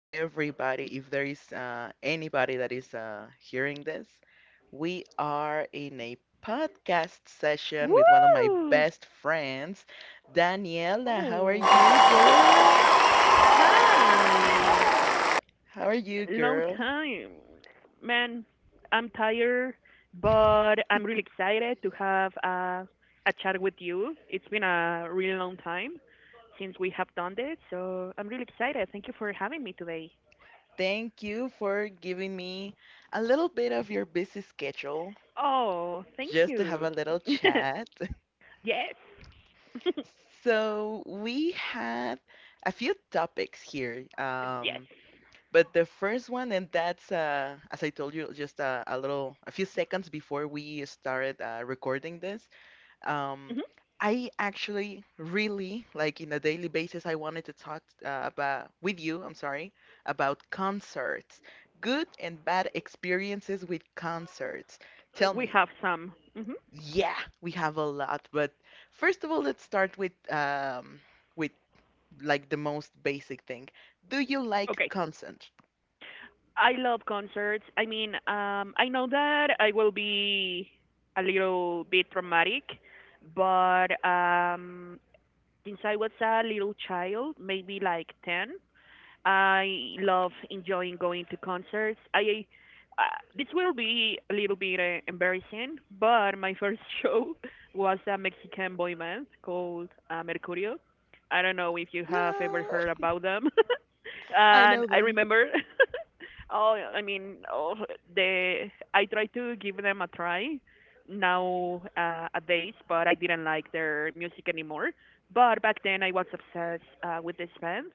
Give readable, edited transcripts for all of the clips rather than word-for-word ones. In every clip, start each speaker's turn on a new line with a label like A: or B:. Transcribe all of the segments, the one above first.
A: everybody. If there is anybody that is hearing this, we are in a podcast session with one of my
B: Woo!
A: best friends, Daniela. How are you,
B: Oh,
A: girl?
B: hi.
A: How are you,
B: Long
A: girl?
B: time. Man, I'm tired, but I'm really excited to have a chat with you. It's been a really long time since we have done this, so I'm really excited. Thank you for having me today.
A: Thank you for giving me a little bit of your busy schedule
B: Oh, thank
A: just to have a
B: you.
A: little
B: Yes,
A: chat. So, we had a few topics here.
B: yes.
A: But the first one, and that's as I told you, just a little, a few seconds before we started recording this. Um,
B: Hmm.
A: I actually really like in a daily basis. I wanted to talk about with you. I'm sorry about concerts, good and bad experiences with concerts. Tell
B: We
A: me.
B: have some. Hmm.
A: Yeah, we have a lot, but first of all, let's start with with like the most basic thing. Do you like
B: Okay.
A: concerts?
B: I love concerts. I mean, I know that I will be a little bit dramatic, but since I was a little child, maybe like 10, I love enjoying going to concerts. I uh, this will be a little bit embarrassing, but my first show was a Mexican boy band called Mercurio. I don't know if you have ever
A: No.
B: heard about them,
A: I
B: and
A: know
B: I
A: them.
B: remember. Oh, I mean, oh, the I tried to give them a try now a days, but I didn't like their music anymore. But back then I was obsessed with this band,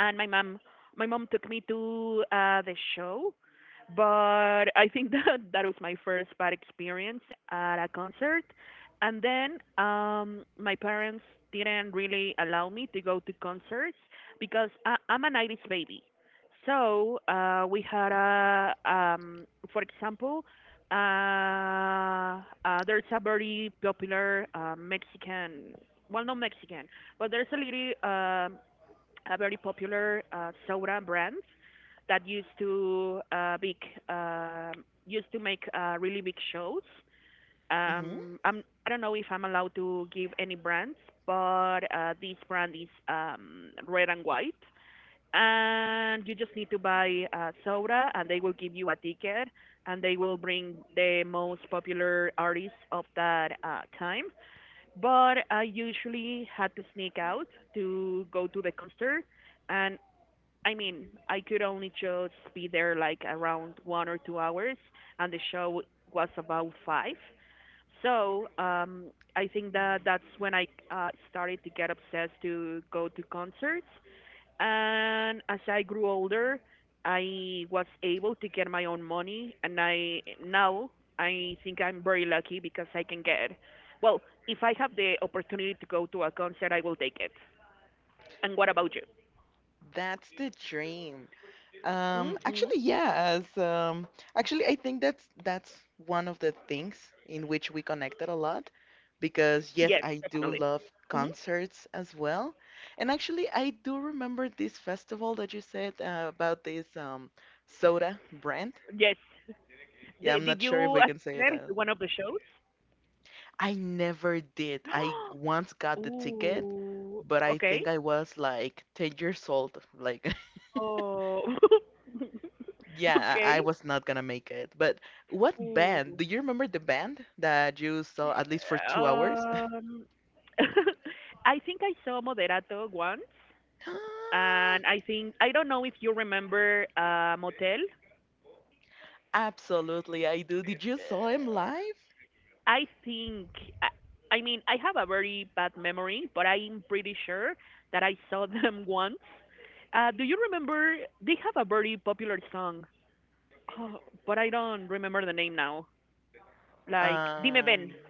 B: and my mom took me to the show, but I think that that was my first bad experience at a concert. And then my parents didn't really allow me to go to concerts because I'm a '90s baby. So we had a, for example, uh, there's a very popular Mexican, well, not Mexican, but there's a little a very popular soda brand that uh, used to make really big shows.
A: Hmm.
B: Um, I don't know if I'm allowed to give any brands, but this brand is red and white. And you just need to buy soda, and they will give you a ticket, and they will bring the most popular artists of that time. But I usually had to sneak out to go to the concert, and I mean, I could only just be there like around 1 or 2 hours, and the show was about five. So I think that that's when I started to get obsessed to go to concerts. And as I grew older, I was able to get my own money, and I think I'm very lucky because I can get. Well, if I have the opportunity to go to a concert, I will take it. And what about you?
A: That's the dream.
B: Hmm.
A: Actually, yeah, as actually, I think that's one of the things in which we connected a lot because yes,
B: Yes,
A: I do
B: definitely.
A: love
B: Mm-hmm.
A: concerts as well. And actually, I do remember this festival that you said about this soda brand.
B: Yes.
A: Yeah,
B: Did,
A: I'm
B: did
A: not sure if
B: you
A: we can say it.
B: attend to
A: out.
B: one of the shows?
A: I never did. I once got the ticket,
B: Ooh.
A: but I
B: Okay.
A: think I was like 10 years old. Like,
B: Oh.
A: yeah, I
B: Okay.
A: was not gonna make it. But what band? Do
B: Ooh.
A: you remember the band that you saw at least for 2 hours?
B: Um. I think I saw Moderato once, and I think I don't know if you remember Motel.
A: Absolutely, I do. Did you saw him live?
B: I think I mean, I have a very bad memory, but I'm pretty sure that I saw them once. Do you remember, they have a very popular song. Oh, but I don't remember the name now. Like, dime ven.
A: Um,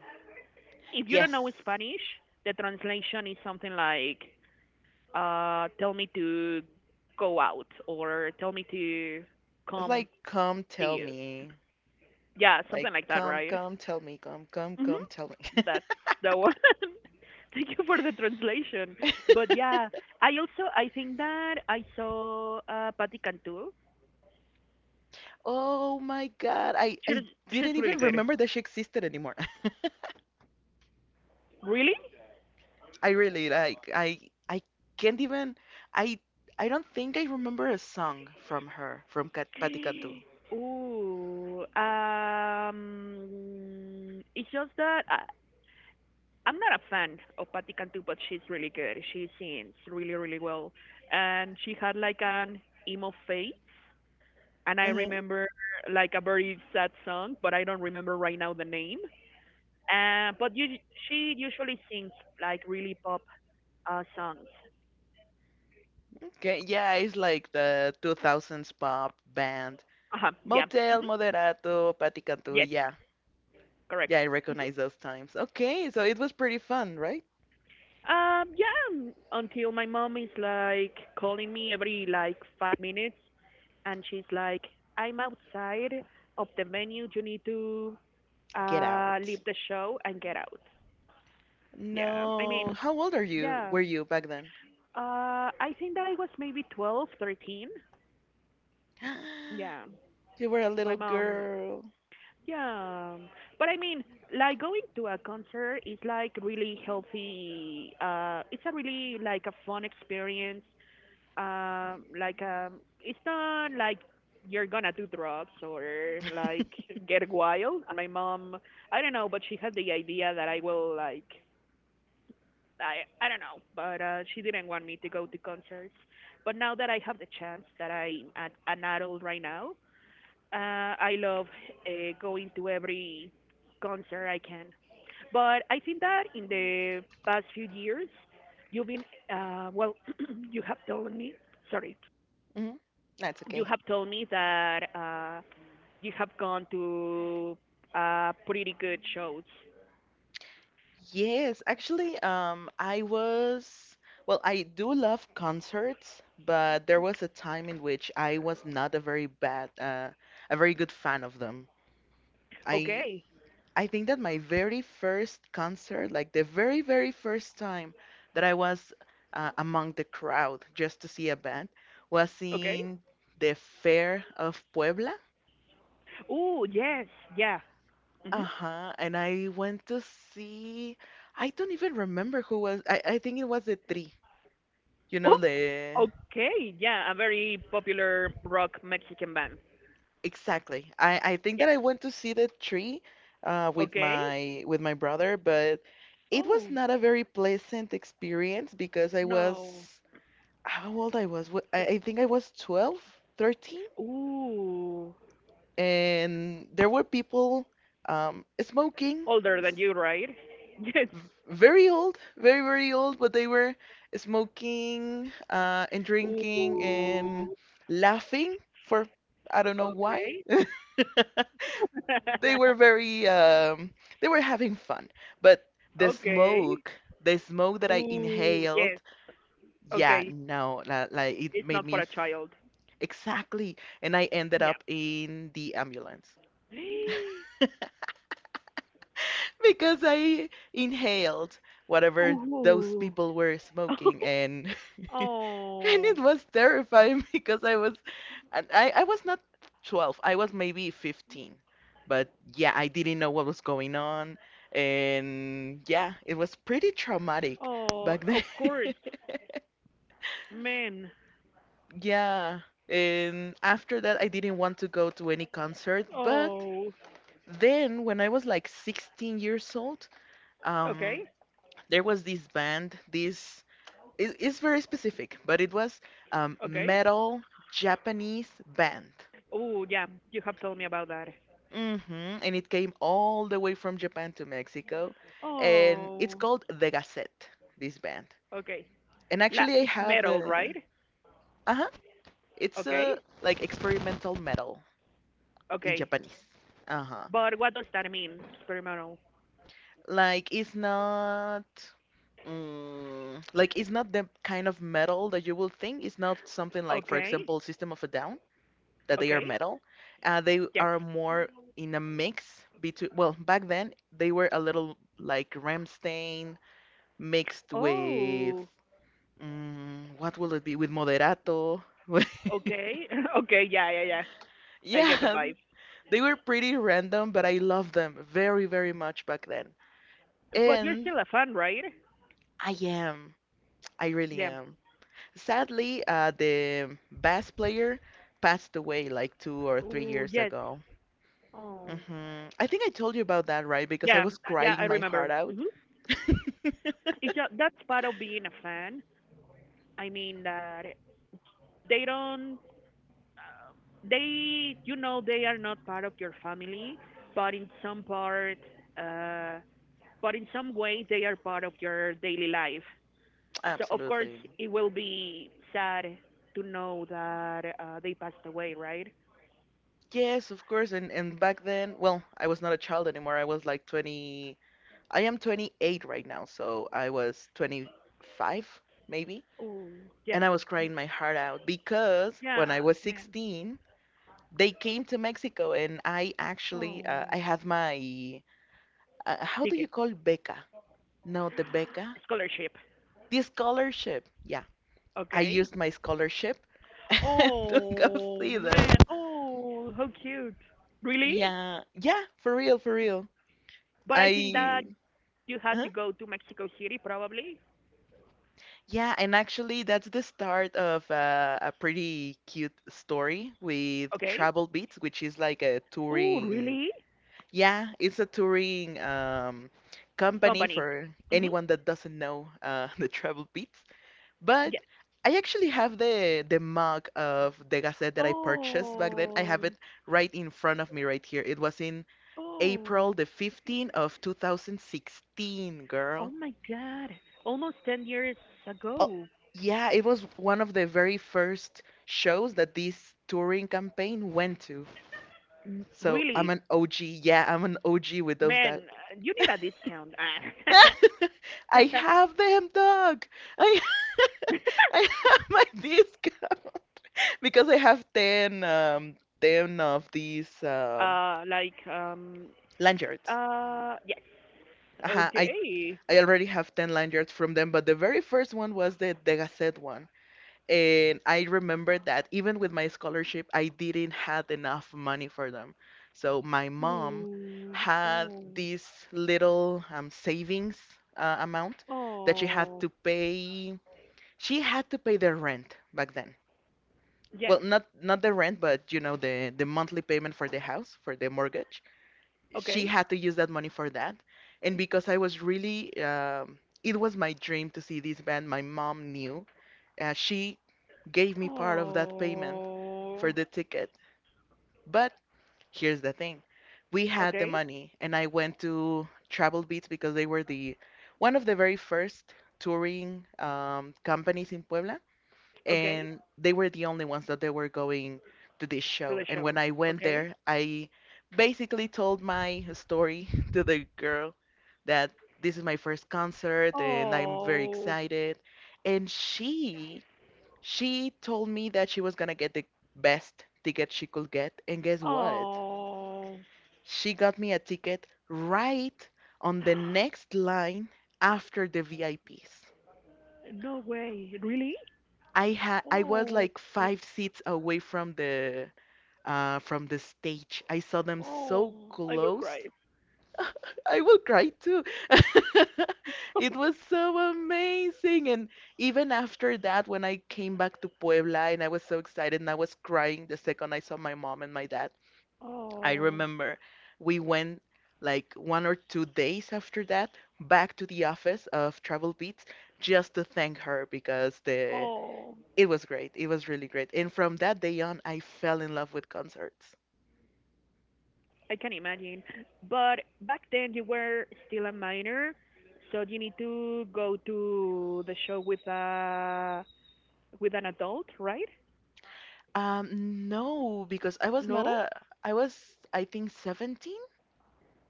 B: If you don't know
A: yes.
B: Spanish, the translation is something like, tell me to go out or tell me to
A: It's
B: come
A: like, come
B: to
A: tell
B: you.
A: me.
B: Yeah,
A: Like,
B: something like that,
A: come,
B: right?
A: come, tell me. Come, come,
B: Hmm.
A: come, tell
B: That's the one. Thank you for the translation.
A: me.
B: But yeah, I think that I saw Patti Cantu.
A: Oh my God. I
B: She's,
A: I
B: she's
A: didn't
B: really
A: even
B: good.
A: remember that she existed anymore.
B: Really?
A: I really like I can't even. I I don't think I remember a song from her from Cat Patti Cantu.
B: Ooh, it's just that I'm not a fan of Patti Cantu, but she's really good. She sings really, really well, and she had like an emo phase. And I
A: Uh-huh.
B: remember like a very sad song, but I don't remember right now the name. But she usually sings like really pop songs.
A: Okay, yeah, it's like the 2000s pop band.
B: Uh-huh, yeah.
A: Motel,
B: Hmm.
A: Moderato, Patti Cantu.
B: Yes,
A: Yeah. Yeah,
B: correct.
A: I recognize those times. Okay, so it was pretty fun, right?
B: Yeah, until my mom is like calling me every like 5 minutes, and she's like, "I'm outside of the venue. You need to
A: Get out.
B: leave the show and get out." Yeah, I
A: No.
B: mean,
A: How old are you?
B: yeah.
A: Were you back then?
B: I think that I was maybe 12, 13. Yeah,
A: You were a little
B: my mom.
A: girl.
B: Yeah, but I mean, like going to a concert is like really healthy. It's a really like a fun experience like it's not like you're gonna do drugs or like get wild. And my mom, I don't know, but she had the idea that I will like, i I don't know, but she didn't want me to go to concerts. But now that I have the chance that I'm an, adult right now, I love going to every concert I can. But I think that in the past few years you've been well, you have told me, sorry,
A: Hmm. That's
B: you
A: okay.
B: have told me that you have gone to pretty good shows.
A: Yes, actually, well, I do love concerts, but there was a time in which I was not a very good fan of them. I
B: Okay,
A: I think that my very first concert, like the very, very first time that I was among the crowd just to see a band, was
B: okay.
A: in the Fair of Puebla.
B: Oh yes, yeah. Hmm.
A: Uh-huh. And I went to see, I don't even remember who was. I think it was The Tree. You know
B: Oh,
A: the.
B: okay, yeah. A very popular rock Mexican band.
A: Exactly. I think that
B: Yes.
A: I went to see The Tree with
B: Okay.
A: my with my brother, but it was
B: Oh
A: not a very pleasant experience because I
B: no.
A: was how old I was? I think I was 12, 13,
B: Ooh,
A: and there were people smoking.
B: older than you, right? Yes.
A: Very old, very, very old, but they were smoking and drinking
B: Ooh.
A: and laughing for I don't know why.
B: Okay.
A: They were they were having fun, but
B: Okay.
A: the smoke that I
B: Ooh,
A: inhaled,
B: yes.
A: yeah,
B: Okay.
A: no, like it
B: It's
A: made
B: not for
A: me
B: a
A: f-
B: child.
A: Exactly, and I ended
B: Yeah.
A: up in the ambulance because I inhaled whatever those
B: Ooh.
A: people were smoking, and
B: Oh.
A: and it was terrifying because and I was not 12, I was maybe 15. But yeah, I didn't know what was going on. And yeah, it was pretty traumatic
B: Oh,
A: back then.
B: of course, man.
A: Yeah. And after that, I didn't want to go to any concert. But
B: Oh.
A: then, when I was like 16 years old,
B: Okay.
A: um, there was this band. It's very specific, but it was
B: Okay.
A: metal Japanese band.
B: Oh, yeah. You have told me about that.
A: Hmm. And it came all the way from Japan to Mexico. And it's
B: Oh.
A: called The Gazette, this band.
B: Okay.
A: And
B: La
A: actually, I
B: It's
A: have
B: metal, right?
A: the. Uh huh. It's
B: Okay.
A: like experimental metal in
B: Okay.
A: Japanese. Uh huh.
B: But what does that mean? Experimental.
A: Like, it's not. Like, it's not the kind of metal that you will think. It's not something like, for
B: Okay.
A: example, System of a Down, that they are
B: Okay.
A: metal. They
B: Yes.
A: are more in a mix between. Well, back then, they were a little like Ramstein mixed with
B: Oh.
A: what will it be? With moderato.
B: Okay. Okay. Yeah, yeah, yeah. I get the
A: yeah,
B: vibe.
A: they were pretty random, but I loved them very, very much back then.
B: But you're
A: And
B: still a fan, right?
A: I am. I really
B: Yeah.
A: am. Sadly, the bass player passed away like two or three
B: Oh,
A: years
B: yes.
A: ago.
B: Oh.
A: I think I told you about that, right? Because I
B: Yeah,
A: was
B: yeah, I
A: crying my heart
B: remember.
A: out.
B: Hmm. It's just, that's part of being a fan. I mean that they don't, they, you know, they are not part of your family, but in some part, uh, but in some way, they are part of your daily life. So of
A: Absolutely.
B: course, it will be sad to know that they passed away, right?
A: Yes, of course. And back then, well, I was not a child anymore. I was like 20. I am 28 right now, so I was 25 maybe,
B: Oh,
A: and
B: yeah,
A: I was crying my heart out because when
B: yeah,
A: I was
B: man.
A: 16, they came to Mexico and I actually I
B: Oh,
A: had my how do you
B: ticket,
A: call beca? No, the beca,
B: scholarship.
A: the scholarship. Yeah, I
B: Okay.
A: used my scholarship to go
B: Oh
A: see them.
B: man. Oh, how cute. Really?
A: Yeah, yeah, for real, for real.
B: But I think that
A: I.
B: you had to go to Mexico City probably.
A: Yeah, and actually, that's the start of a pretty cute story with
B: Okay.
A: Travel Beats, which is like a
B: Oh,
A: touring.
B: really?
A: Yeah, it's a touring company
B: Company.
A: for
B: Mhm.
A: anyone that doesn't know the Travel Beats. But
B: Yes.
A: I actually have the mug of The Gazette that I purchased back
B: Oh.
A: then. I have it right in front of me right here. It was in April
B: Oh.
A: the 15th of 2016,
B: Oh
A: girl.
B: my god. Almost 10 years
A: Oh,
B: ago.
A: yeah, it was one of the very first shows that this touring campaign went to. So I'm
B: Really?
A: an OG. Yeah, I'm an OG with those that.
B: Man, you need a discount. Ah.
A: I have them, dog. I. I have my discount because I have ten of these
B: Like
A: lanyards.
B: yes.
A: Uh-huh, I
B: Okay.
A: I already have 10 lanyards from them, but the very first one was the Gazette one. And I remember that even with my scholarship, I didn't have enough money for them. So my mom
B: Ooh,
A: had
B: oh.
A: this little savings amount that she had to
B: Oh,
A: pay. She had to pay the rent back then. Well,
B: yes.
A: not the rent, but you know the monthly payment for the house, for the mortgage. She
B: Okay.
A: had to use that money for that. And because it was my dream to see this band, my mom knew and she gave me part of that payment for
B: Oh,
A: the ticket. But here's the thing. We had the
B: okay.
A: money and I went to Travel Beats because they were the one of the very first touring companies in Puebla
B: Okay.
A: and they were the only ones that they were going to this
B: To
A: show.
B: the
A: And when
B: show.
A: I went
B: Okay.
A: there, I basically told my story to the girl that this is my first concert and I'm very
B: Oh,
A: excited. And she told me that she was gonna get the best ticket she could get, and guess what?
B: oh,
A: She got me a ticket right on the next line after the VIPs. I Ps.
B: no way. Really?
A: I was
B: Oh,
A: like five seats away from the stage. I saw them
B: oh,
A: so
B: I will
A: close.
B: cry.
A: I will cry too. It was so amazing. And even after that, when I came back to Puebla and I was so excited and I was crying the second I saw my mom and my dad, I
B: Oh,
A: remember we went like 1 or 2 days after that back to the office of Travel Beats just to thank her because the
B: oh,
A: it was great. It was really great. And from that day on, I fell in love with concerts.
B: I can imagine. But back then you were still a minor, so you need to go to the show with a with an adult, right?
A: No, because I was not
B: No?
A: a, I was, I think, 17.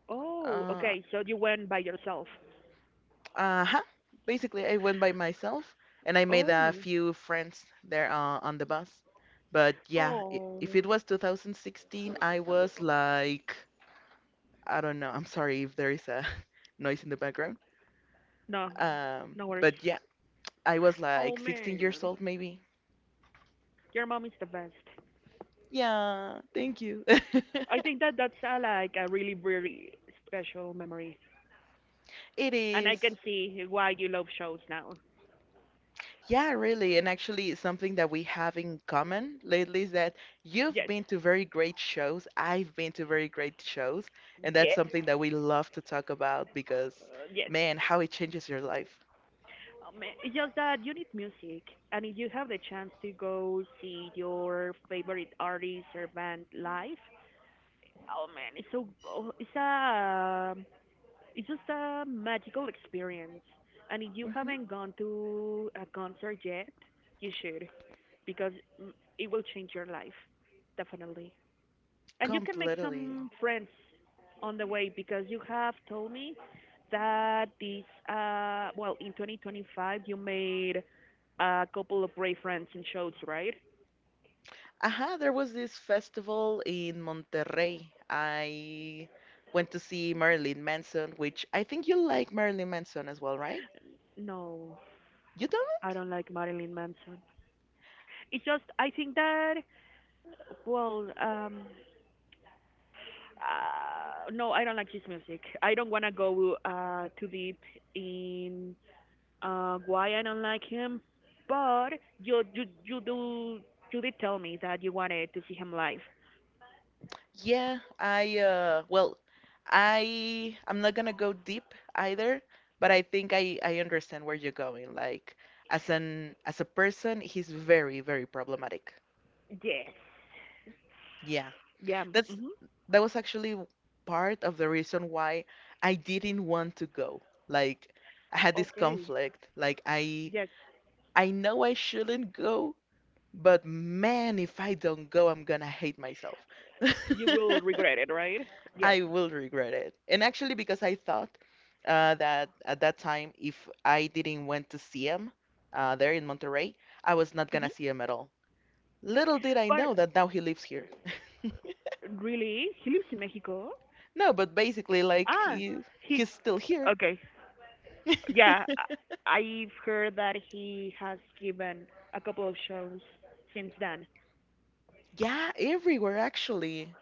B: Oh,
A: Uh,
B: okay. So you went by yourself.
A: uh-huh. Basically, I went by myself and I made a
B: Oh,
A: few friends there on the bus. But yeah, if
B: oh,
A: it was 2016, I was like I don't know. I'm sorry if there is a noise in the background.
B: no, no worries.
A: But yeah, I was
B: Oh
A: like 16 years
B: man.
A: old, maybe.
B: Your mom is the best.
A: Yeah, thank you.
B: I think that that's like a really, really special memory,
A: It
B: and I
A: is.
B: can see why you love shows now.
A: Yeah, really. And actually, something that we have in common lately is that you've
B: Yes,
A: been to very great shows. I've been to very great shows. And that's
B: yes,
A: something that we love to talk about because,
B: yes.
A: man, how it changes your life.
B: It's just that you need music, and if you have the chance to go see your favorite artist or band live, oh man, it's so go- it's just a magical experience. And if you
A: hmm
B: haven't gone to a concert yet, you should, because mm, it will change your life, definitely. And you can make
A: Completely.
B: some friends on the way, because you have told me that this well in 2025 you made a couple of brave friends and shows, right?
A: Aha, there was this festival in Monterrey. I went to see Marilyn Manson, which I think you like Marilyn Manson as well, right?
B: No,
A: You
B: I
A: don't?
B: don't like Marilyn Manson. It's just I think that, well, no, I don't like his music. I don't wanna go too deep in why I don't like him. But you you you do you did tell me that you wanted to see him live.
A: Yeah, I well, I'm not gonna go deep either, but I think I understand where you're going. Like as a person, he's very, very problematic.
B: Yes.
A: Yeah.
B: Yeah.
A: That's
B: Hmm.
A: that was actually part of the reason why I didn't want to go. Like I had this
B: Okay.
A: conflict. Like I
B: Yes.
A: I know I shouldn't go, but man, if I don't go, I'm gonna hate myself.
B: You will regret it, right? Yes.
A: I will regret it. And actually, because I thought that at that time, if I didn't went to see him there in Monterrey, I was not
B: Hmm.
A: gonna see him at all. Little did I
B: But
A: know that now he lives here.
B: really, he lives in Mexico.
A: No, but basically, like
B: Ah,
A: he
B: he.
A: he's still here.
B: Okay. Yeah. I've heard that he has given a couple of shows since then.
A: Yeah, everywhere actually.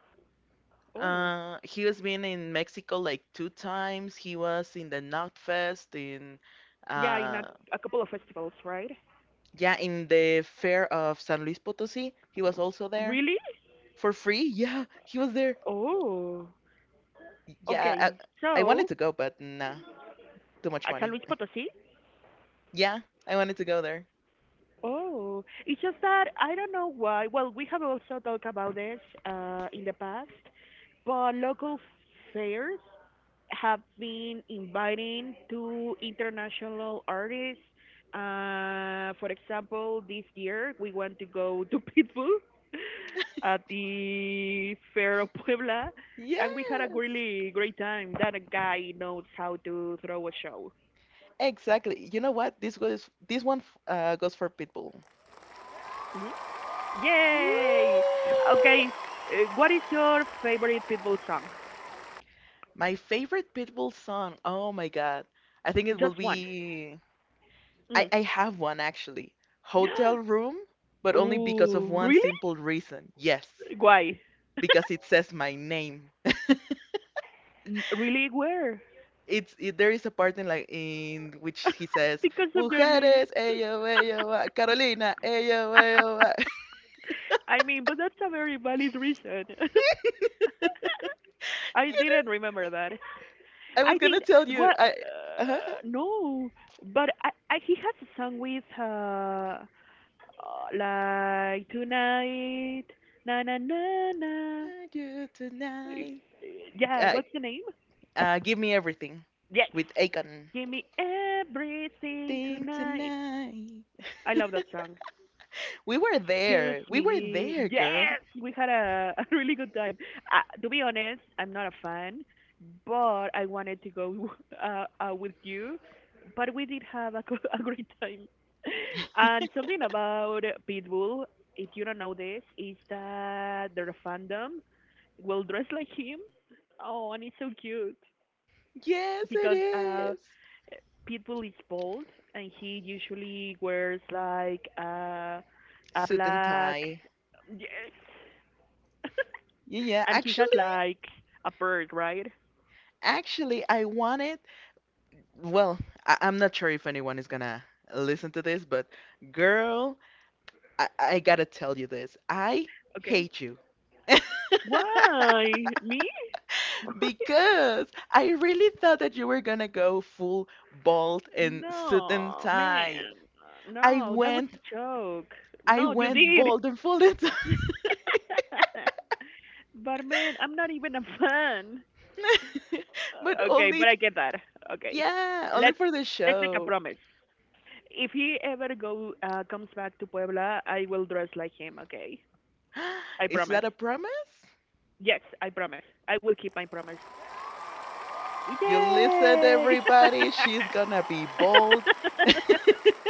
B: Oh,
A: He has been in Mexico like two times. He was in the Knot Fest in,
B: yeah, in a,
A: uh,
B: a couple of festivals, right?
A: yeah, in the fair of San Luis Potosí. He was also there
B: Really?
A: for free. Yeah, he was there.
B: Oh,
A: Yeah,
B: okay.
A: I wanted
B: So,
A: to go, but nah, too much
B: San
A: money.
B: Luis Potosí?
A: Yeah, I wanted to go there.
B: Oh, it's just that I don't know why. Well, we have also talked about this in the past, but local fairs have been inviting two international artists. For example, this year we want to go to Pitbull at the Fair of Puebla, and we had a
A: Yes,
B: really great time. That guy knows how to throw a show.
A: exactly. You know what? This goes. This one goes for Pitbull.
B: Hmm.
A: Woo!
B: Yay! Okay, what is your favorite Pitbull song?
A: My favorite Pitbull song. Oh my God. I think it will
B: Just one.
A: be. I,
B: Mm.
A: I have one actually. Hotel Room, but only because of
B: Ooh,
A: one
B: really?
A: simple reason. Yes,
B: Why?
A: because it says my name.
B: Really, where?
A: There is a part in like in which he says,
B: Because of your name.
A: "Mujeres, ello, ello, ah, Carolina, ello, ello." ah."
B: I mean, but that's a very valid reason. I didn't remember that.
A: I was
B: I
A: gonna
B: think
A: tell you.
B: what
A: I uh
B: no, but I he has a song with like tonight na na na na.
A: you tonight.
B: Yeah,
A: Uh,
B: what's the name?
A: give me everything
B: Yes.
A: with Akon.
B: Give me everything
A: Thing
B: tonight.
A: tonight.
B: I love that song.
A: We were
B: Choose
A: there. We were
B: me.
A: there, girl.
B: Yes, we had a, a really good time. To be honest, I'm not a fan, but I wanted to go with you. But we did have a great time. And something about Pitbull, if you don't know this, is that their fandom will dress like him. Oh, and it's so cute
A: Yes, it
B: because
A: is.
B: Pitbull is bald and he usually wears like a
A: Suit and
B: black.
A: tie.
B: Yes.
A: Yeah, yeah.
B: And he has
A: actually,
B: like a bird, right?
A: actually, I wanted. Well, I'm not sure if anyone is gonna listen to this, but girl, I gotta tell you this. I
B: Okay.
A: hate you
B: Why? Me?
A: because I really thought that you were gonna go full bald and suit and
B: No,
A: tie.
B: man.
A: I
B: No, that was
A: went,
B: a joke.
A: I
B: No, you
A: went
B: did.
A: bald and full and tie.
B: But man, I'm not even a fan.
A: But
B: Okay,
A: only,
B: but I get that. Okay.
A: yeah, only
B: Let's
A: for the
B: let's make a
A: show.
B: promise. If he ever go comes back to Puebla, I will dress like him, okay? I
A: Is
B: promise.
A: that a promise?
B: Yes, I promise. I will keep my promise. Yay!
A: You listen, everybody. She's gonna be bold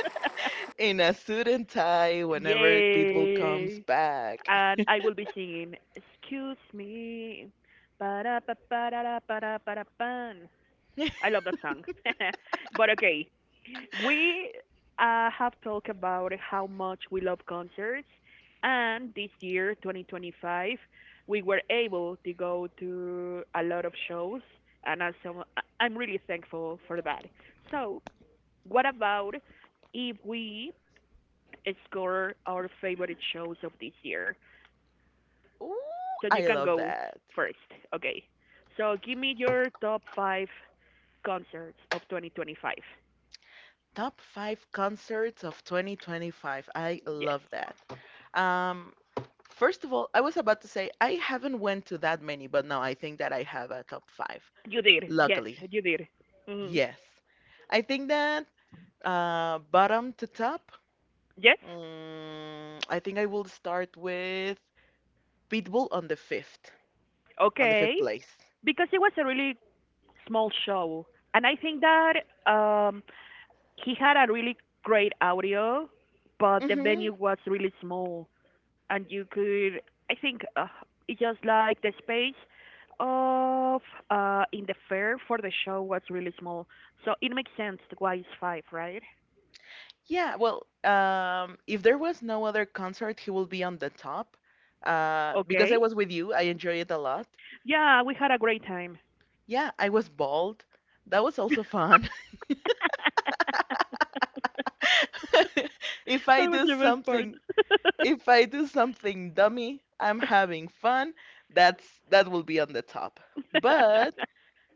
A: in a suit and tie whenever Pitbull comes
B: Yay!
A: back.
B: And I will be singing, excuse me. Ba-da-ba-ba-da-da-ba-da-ba-da-ban. I love that song. but okay, we have talked about how much we love concerts. And this year, 2025, we were able to go to a lot of shows. And also, I- so, I'm really thankful for that. So, what about if we score our favorite shows of this year?
A: Ooh,
B: So
A: I
B: you can
A: love
B: go
A: that.
B: first. Okay. So give me your top five concerts of 2025.
A: Top five concerts of 2025. I
B: Yes,
A: love that. Um, first of all, I was about to say I haven't went to that many, but now I think that I have a top five.
B: you did. Yes,
A: Luckily,
B: you did. Hmm.
A: yes. I think that, bottom to top,
B: Yes.
A: I think I will start with Pitbull on the
B: Okay.
A: fifth place.
B: Because it was a really small show, and I think that um, he had a really great audio, but the venue
A: Hmm
B: was really small. And you could, I think it's just like the space of, in the fair for the show was really small, so it makes sense why it's five, right?
A: Yeah, well, if there was no other concert, he will be on the top. Because
B: Okay.
A: I was with you, I enjoyed it a lot.
B: Yeah, we had a great time.
A: Yeah, I was bald. That was also fun. If
B: That
A: I
B: was
A: do
B: the best part.
A: something, if I do something dummy, I'm having fun. That will be on the top. But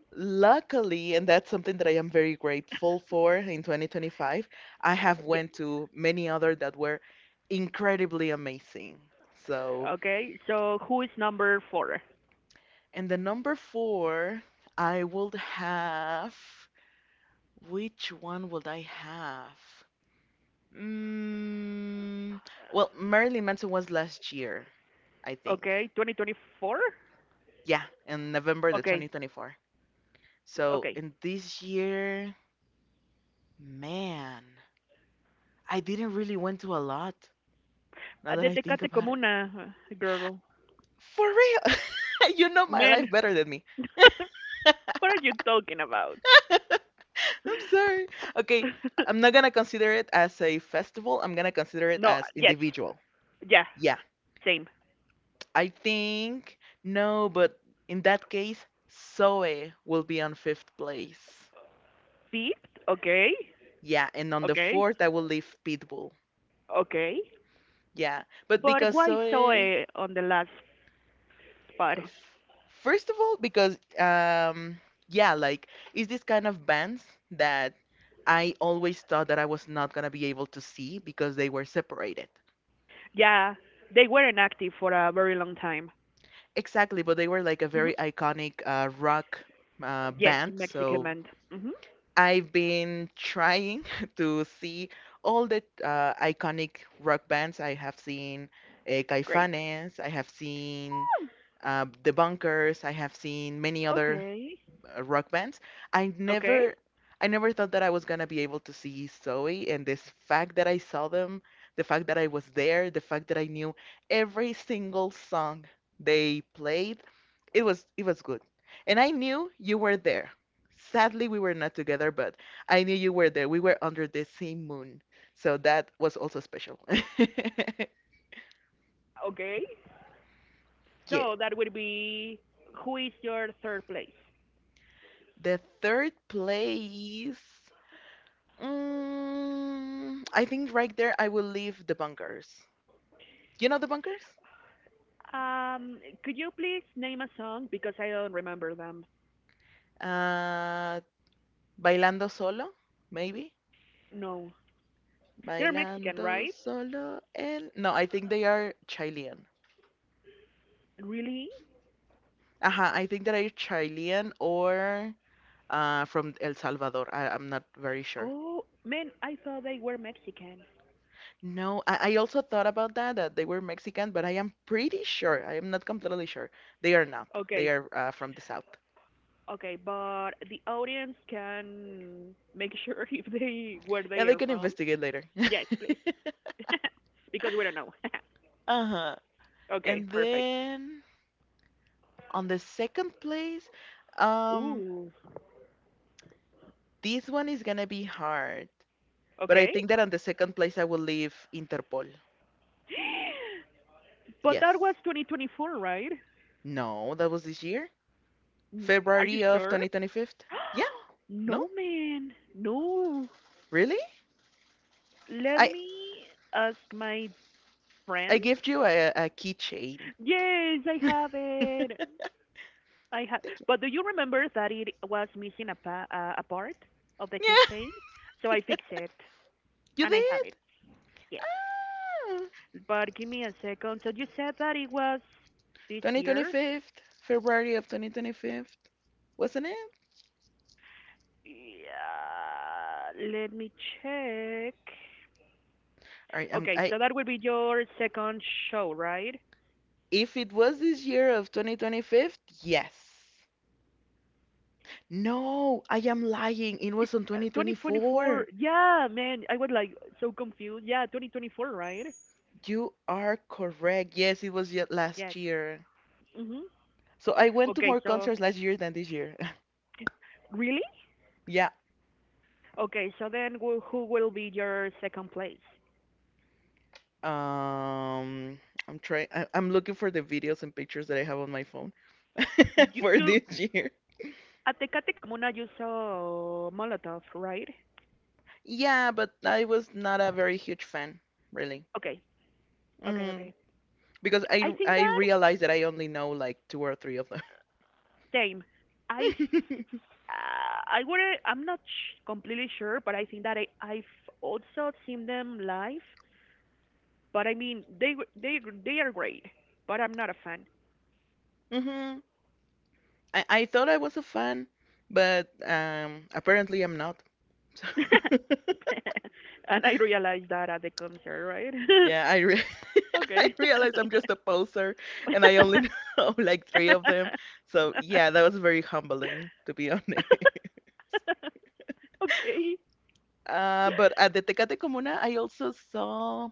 A: luckily, and that's something that I am very grateful for in 2025, I have
B: Yeah.
A: went to many other that were incredibly amazing. So,
B: Okay, so who is number four?
A: and the number four, I would have, which one would I have? Mm, well, Marilyn Manson was last year, I think.
B: Okay, 2024.
A: Yeah, in November the
B: Okay,
A: 2024. So
B: okay.
A: in this year, man, I didn't really went to a lot. Now that
B: The
A: I think
B: Tecate
A: about it.
B: Comuna, girl.
A: For real. You know my
B: Man.
A: life better than me.
B: What are you talking about?
A: I'm sorry. Okay, I'm not gonna consider it as a festival. I'm gonna consider it
B: No,
A: as
B: yes.
A: individual.
B: Yeah.
A: Yeah,
B: Same.
A: I think no, but in that case, Zoe will be on fifth place.
B: Fifth, okay.
A: Yeah, and on the
B: Okay,
A: fourth, I will leave Pitbull.
B: okay.
A: Yeah, but
B: But
A: because
B: why
A: Zoe,
B: Zoe on the last spot?
A: f- first of all because yeah, like, is this kind of bands that I always thought that I was not going to be able to see because they were separated.
B: Yeah, they weren't active for a very long time.
A: Exactly, but they were like a
B: Hmm.
A: very iconic rock
B: Yes,
A: band,
B: Mexican
A: so
B: band. Hmm.
A: I've been trying to see all the iconic rock bands I have seen.
B: Great.
A: Caifanes, I have seen The Bunkers, I have seen many other
B: Okay,
A: rock bands. I
B: okay,
A: never I never thought that I was gonna be able to see Zoe, and this fact that I saw them, the fact that I was there, the fact that I knew every single song they played, it was good. And I knew you were there. Sadly, we were not together, but I knew you were there. We were under the same moon, so that was also special.
B: okay.
A: Yeah.
B: So that would be, who is your third place?
A: The third place. I think right there I will leave the bunkers. You know the bunkers?
B: Um, could you please name a song, because I don't remember them.
A: Uh, Bailando Solo, maybe?
B: No. They're Mexican,
A: Bailando
B: right?
A: Solo el. No, I think they are Chilean.
B: Really?
A: Aha, I think they are Chilean or from El Salvador. I'm not very sure.
B: Oh man, I thought they were Mexican.
A: No, I also thought about that, that they were Mexican, but I am pretty sure. I am not completely sure. They are not. They
B: Okay.
A: are from the south.
B: Okay, but the audience can make sure if they, where they
A: Yeah, they
B: are
A: can
B: from.
A: investigate later.
B: Yes, please, because we don't know.
A: Uh-huh.
B: Okay,
A: And
B: perfect.
A: then on the second place, um,
B: Ooh,
A: this one is gonna be hard. But I
B: okay,
A: think that on the second place I will leave Interpol.
B: but that was
A: Yes.
B: 2024, right?
A: No, that was this year?
B: N- Are you
A: February of
B: sure?
A: 2025? Yeah, no?
B: No, man, no.
A: Really?
B: Let
A: I
B: me ask my friend.
A: I gave you a keychain.
B: Yes, I have it. I have.
A: Thank you.
B: But do you remember that it was missing a a part of the
A: Yeah,
B: keychain? So I fixed it,
A: you
B: and I have it.
A: did.
B: Yes.
A: Ah,
B: But give me a second. So you said that it was this year?
A: 2025, February of 2025, wasn't it?
B: Yeah. Let me check.
A: All right,
B: Okay, so that will be your second show, right?
A: if it was this year of 2025, yes. No, I am lying. It was
B: It's
A: on 2024.
B: 2024. Yeah, man, I was like so confused. Yeah, 2024, right?
A: You are correct. Yes, it was yet last
B: Yes.
A: year.
B: Mhm.
A: So I went to
B: Okay,
A: more
B: so
A: concerts last year than this year.
B: really?
A: Yeah.
B: Okay, so then who will be your second place?
A: Um, I'm trying. I'm looking for the videos and pictures that I have on my phone
B: You
A: for
B: you
A: this year.
B: at Tecate Comuna, you saw Molotov, right?
A: Yeah, but I was not a very huge fan, really.
B: Okay, okay,
A: Hmm
B: okay.
A: Because I
B: I think
A: I
B: that
A: realized that I only know like two or three of
B: same. I
A: them.
B: I wouldn't. I'm not completely sure, but I think that I've also seen them live. But I mean, they they are great, but I'm not a fan.
A: Mm-hmm. I thought I was a fan, but apparently I'm not.
B: And I realized that at the concert, right?
A: Yeah, I re I
B: Okay.
A: realized I'm just a poser, and I only know like three of them. So yeah, that was very humbling, to be honest.
B: Okay.
A: But at the Tecate Comuna, I also saw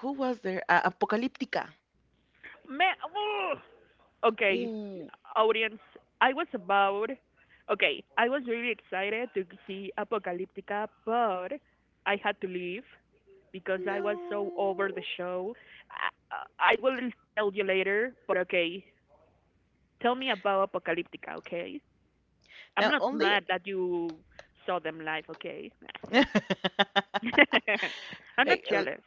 A: who was there? Apocalyptica.
B: Man, oh. Okay,
A: Ooh,
B: audience. I was about. Okay, I was really excited to see Apocalyptica, but I had to leave because I was so over the
A: no.
B: show. I will tell you later, but okay. Tell me about Apocalyptica, okay? I'm
A: Now
B: not
A: only.
B: mad that you saw them live, okay? I'm not
A: Hey,
B: jealous.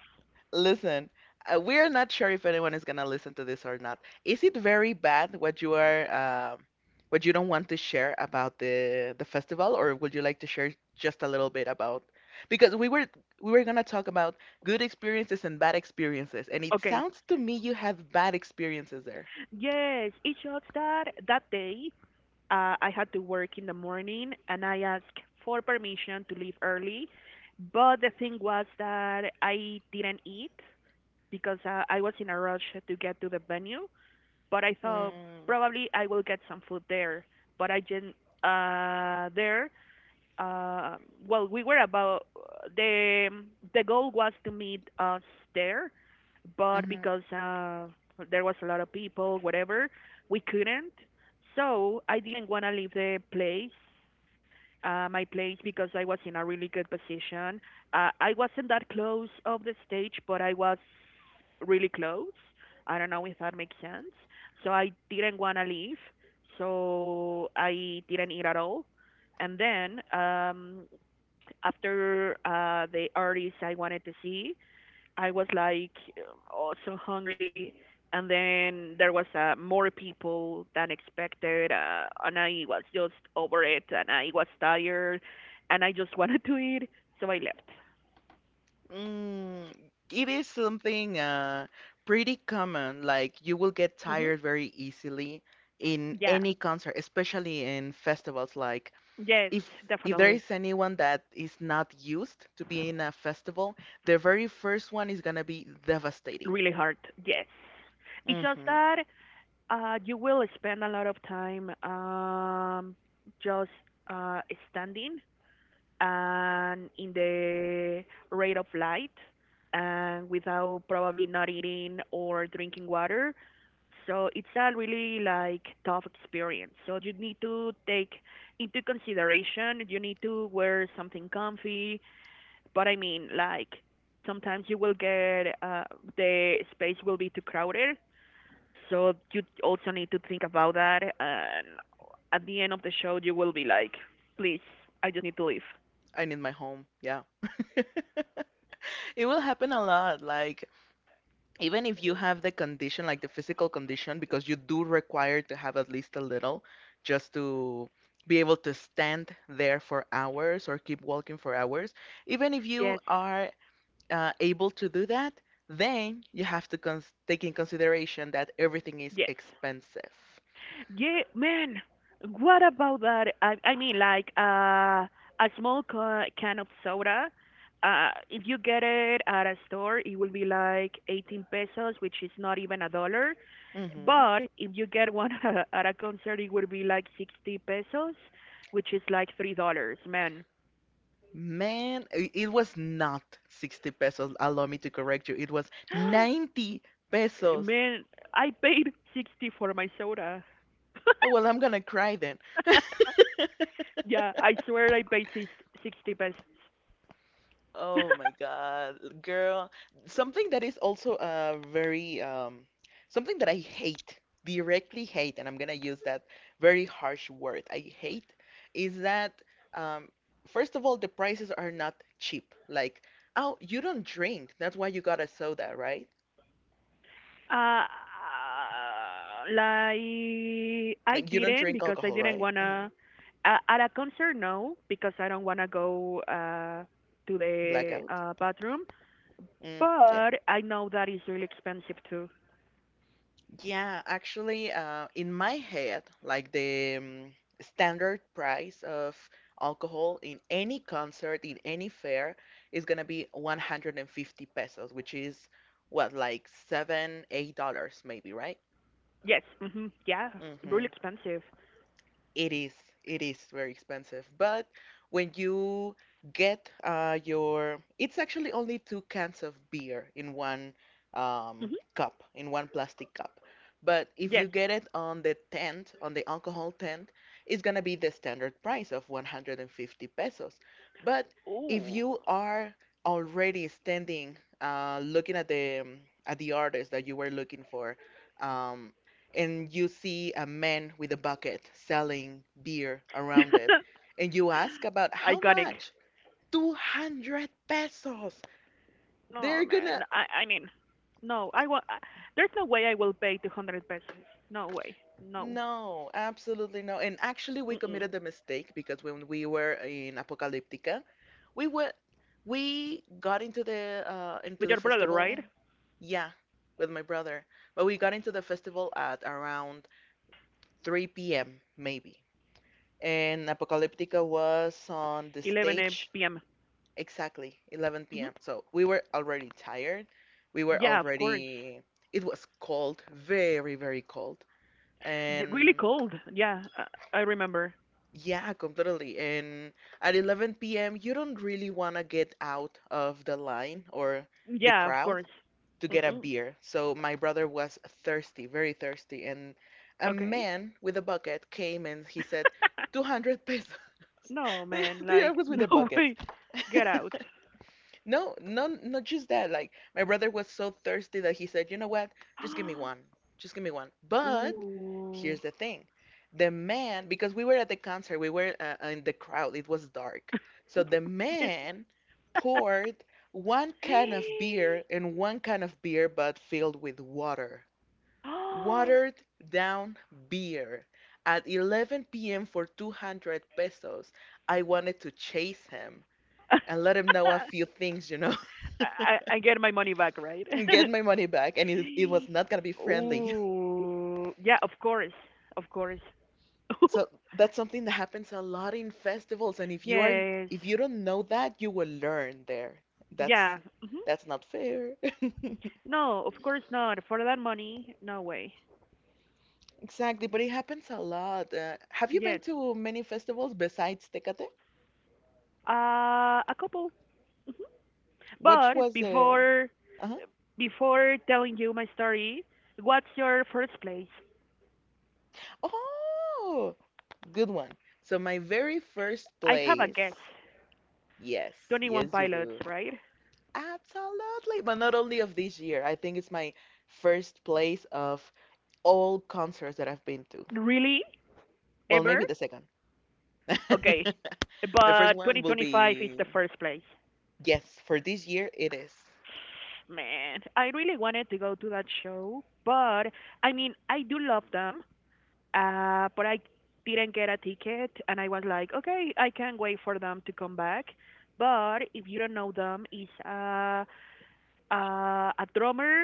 A: listen, we are not sure if anyone is gonna listen to this or not. Is it very bad what you are, what you don't want to share about the festival, or would you like to share just a little bit about? Because we were gonna talk about good experiences and bad experiences, and it
B: Okay.
A: sounds to me you had bad experiences there.
B: Yes, it shows that that day, I had to work in the morning and I asked for permission to leave early. But the thing was that I didn't eat because I was in a rush to get to the venue. But I thought
A: Mm-hmm.
B: probably I will get some food there. But I didn't. Uh, there, uh, well, we were about, the the goal was to meet us there, but because there was a lot of people, whatever, we couldn't. So I didn't want to leave the place, my place, because I was in a really good position. I wasn't that close of the stage, but I was really close. I don't know if that makes sense. So I didn't want to leave. So I didn't eat at all. And then after the artist I wanted to see, I was like also hungry, and then there was, more people than expected, and I was just over it, and I was tired, and I just wanted to eat, so I left.
A: Mm, it is something pretty common. Like you will get
B: Mhm.
A: tired very easily in
B: Yeah,
A: any concert, especially in festivals. Like
B: yes,
A: if if there
B: definitely,
A: is anyone that is not used to be in a festival, the very first one is gonna be devastating.
B: really hard. Yes, it's just
A: Mm-hmm.
B: that you will spend a lot of time just uh, standing and in the rate of light and without probably not eating or drinking water. So it's a really like tough experience. So you need to take into consideration, you need to wear something comfy, but I mean like sometimes you will get, the space will be too crowded. So you also need to think about that, and at the end of the show you will be like, please, I just need to leave.
A: I need my home. Yeah. It will happen a lot. Like even if you have the condition, like the physical condition, because you do require to have at least a little just to be able to stand there for hours or keep walking for hours, even if you
B: Yes.
A: are able to do that, then you have to cons take in consideration that everything is
B: Yes.
A: expensive.
B: Yeah, man. What about that? I mean, like a small can of soda. If you get it at a store, it will be like 18 pesos, which is not even a dollar.
A: Hmm
B: But if you get one at a concert, it would be like 60 pesos, which is like $3. Man,
A: Man, it was not 60 pesos. Allow me to correct you. It was 90 pesos.
B: man, I paid 60 for my soda.
A: Oh, well, I'm gonna cry.
B: Yeah, I swear I paid 60 pesos.
A: Oh my God, girl. Something that is also very, something that I hate, directly hate, and I'm gonna use that very harsh word. I hate is that, um, first of all, the prices are not cheap. Like, oh, you don't drink. That's why you got a soda, right?
B: Uh, like I
A: Like, you don't
B: didn't,
A: drink
B: because I
A: alcohol,
B: didn't
A: right? hmm
B: wanna, at a concert. No, because I don't wanna go, to the,
A: Blackout.
B: bathroom.
A: Mm, yeah.
B: But I know that is really expensive too.
A: Yeah, actually, in my head, like the, standard price of alcohol in any concert, in any fair, is gonna be 150 pesos, which is what, like seven, $8 maybe, right?
B: Yes. Hmm, yeah.
A: hmm
B: Really expensive.
A: it is it is very expensive, but when you get your, it's actually only two cans of beer in one, um,
B: Hmm.
A: cup, in one plastic cup. But if you
B: Yes.
A: get it on the tent, on the alcohol tent, it's gonna be the standard price of 150 pesos. But if
B: Ooh.
A: you are already standing, looking at the, at the artist that you were looking for, um, and you see a man with a bucket selling beer around it, and you ask about how
B: Iconic.
A: much? 200 pesos.
B: No,
A: They're
B: man.
A: gonna.
B: I mean, no. I want. There's no way I will pay 200 pesos. No way. No.
A: No, absolutely no. And actually, we
B: Mm-mm.
A: committed a mistake because when we were in Apocalyptica, we were we got into the uh into
B: With
A: the
B: your brother, right?
A: festival. Yeah, with my brother. But we got into the festival at around 3 p.m. maybe. And Apocalyptica was on the
B: 11
A: stage.
B: p.m.
A: Exactly, 11
B: Hmm.
A: p.m. So we were already tired. We were
B: Yeah, of course.
A: already. It was cold, very, very cold.
B: D- Really
A: And
B: cold. Yeah, I remember.
A: yeah, completely. And at 11 p.m., you don't really want to get out of the line or the
B: Yeah, of
A: crowd
B: course.
A: to get a
B: Mm-mm.
A: beer. So my brother was thirsty, very thirsty. And a
B: Okay.
A: man with a bucket came and he said, 200 pesos.
B: No,
A: They,
B: man.
A: they
B: Like,
A: always with their
B: no
A: buckets.
B: way. Get out.
A: No, no, not just that. Like my brother was so thirsty that he said, "You know what? Just give me one. Just give me one." But
B: Ooh.
A: here's the thing. The man, because we were at the concert, we were in the crowd. It was dark. So the man poured one can of beer and one can of beer but filled with water. Watered down beer. At 11 p.m. for 200 pesos, I wanted to chase him and let him know a few things, you know?
B: I get my money back, right?
A: And get my money back. And it was not gonna be friendly.
B: Ooh. Yeah, of course. Of course.
A: So that's something that happens a lot in festivals. And if you are
B: Yes.
A: if you don't know that, you will learn there. That's
B: Yeah. Hmm.
A: that's not fair.
B: No, of course not. For that money, no way.
A: Exactly, but it happens a lot. Have you
B: Yes.
A: been to many festivals besides Tecate?
B: A couple.
A: Which
B: But
A: was the
B: before,
A: uh-huh.
B: before telling you my story, what's your first place?
A: Oh, good one. So my very first
B: I have a
A: place.
B: guess.
A: Yes,
B: 21
A: yes you
B: Pilots,
A: do.
B: right?
A: Absolutely, but not only of this year. I think it's my first place of all concerts that I've been to.
B: Really?
A: Well, maybe
B: Ever?
A: the second.
B: Okay.
A: The first
B: But
A: one will
B: 2025 is the
A: be,
B: first place.
A: yes, for this year it is.
B: Man, I really wanted to go to that show, but I mean, I do love them, but I didn't get a ticket, and I was like, okay, I can't wait for them to come back. But if you don't know them, it's a drummer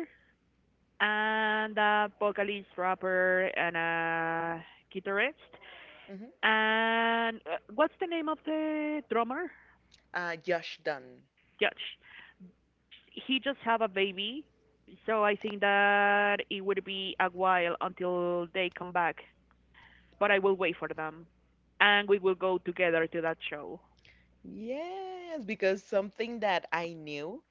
B: and a vocalist, rapper, and a guitarist.
A: Mhm.
B: And what's the name of the drummer?
A: Josh Dunn.
B: Josh. He just have a baby, so I think that it would be a while until they come back. But I will wait for them, and we will go together to that show.
A: Yes, because something that I knew,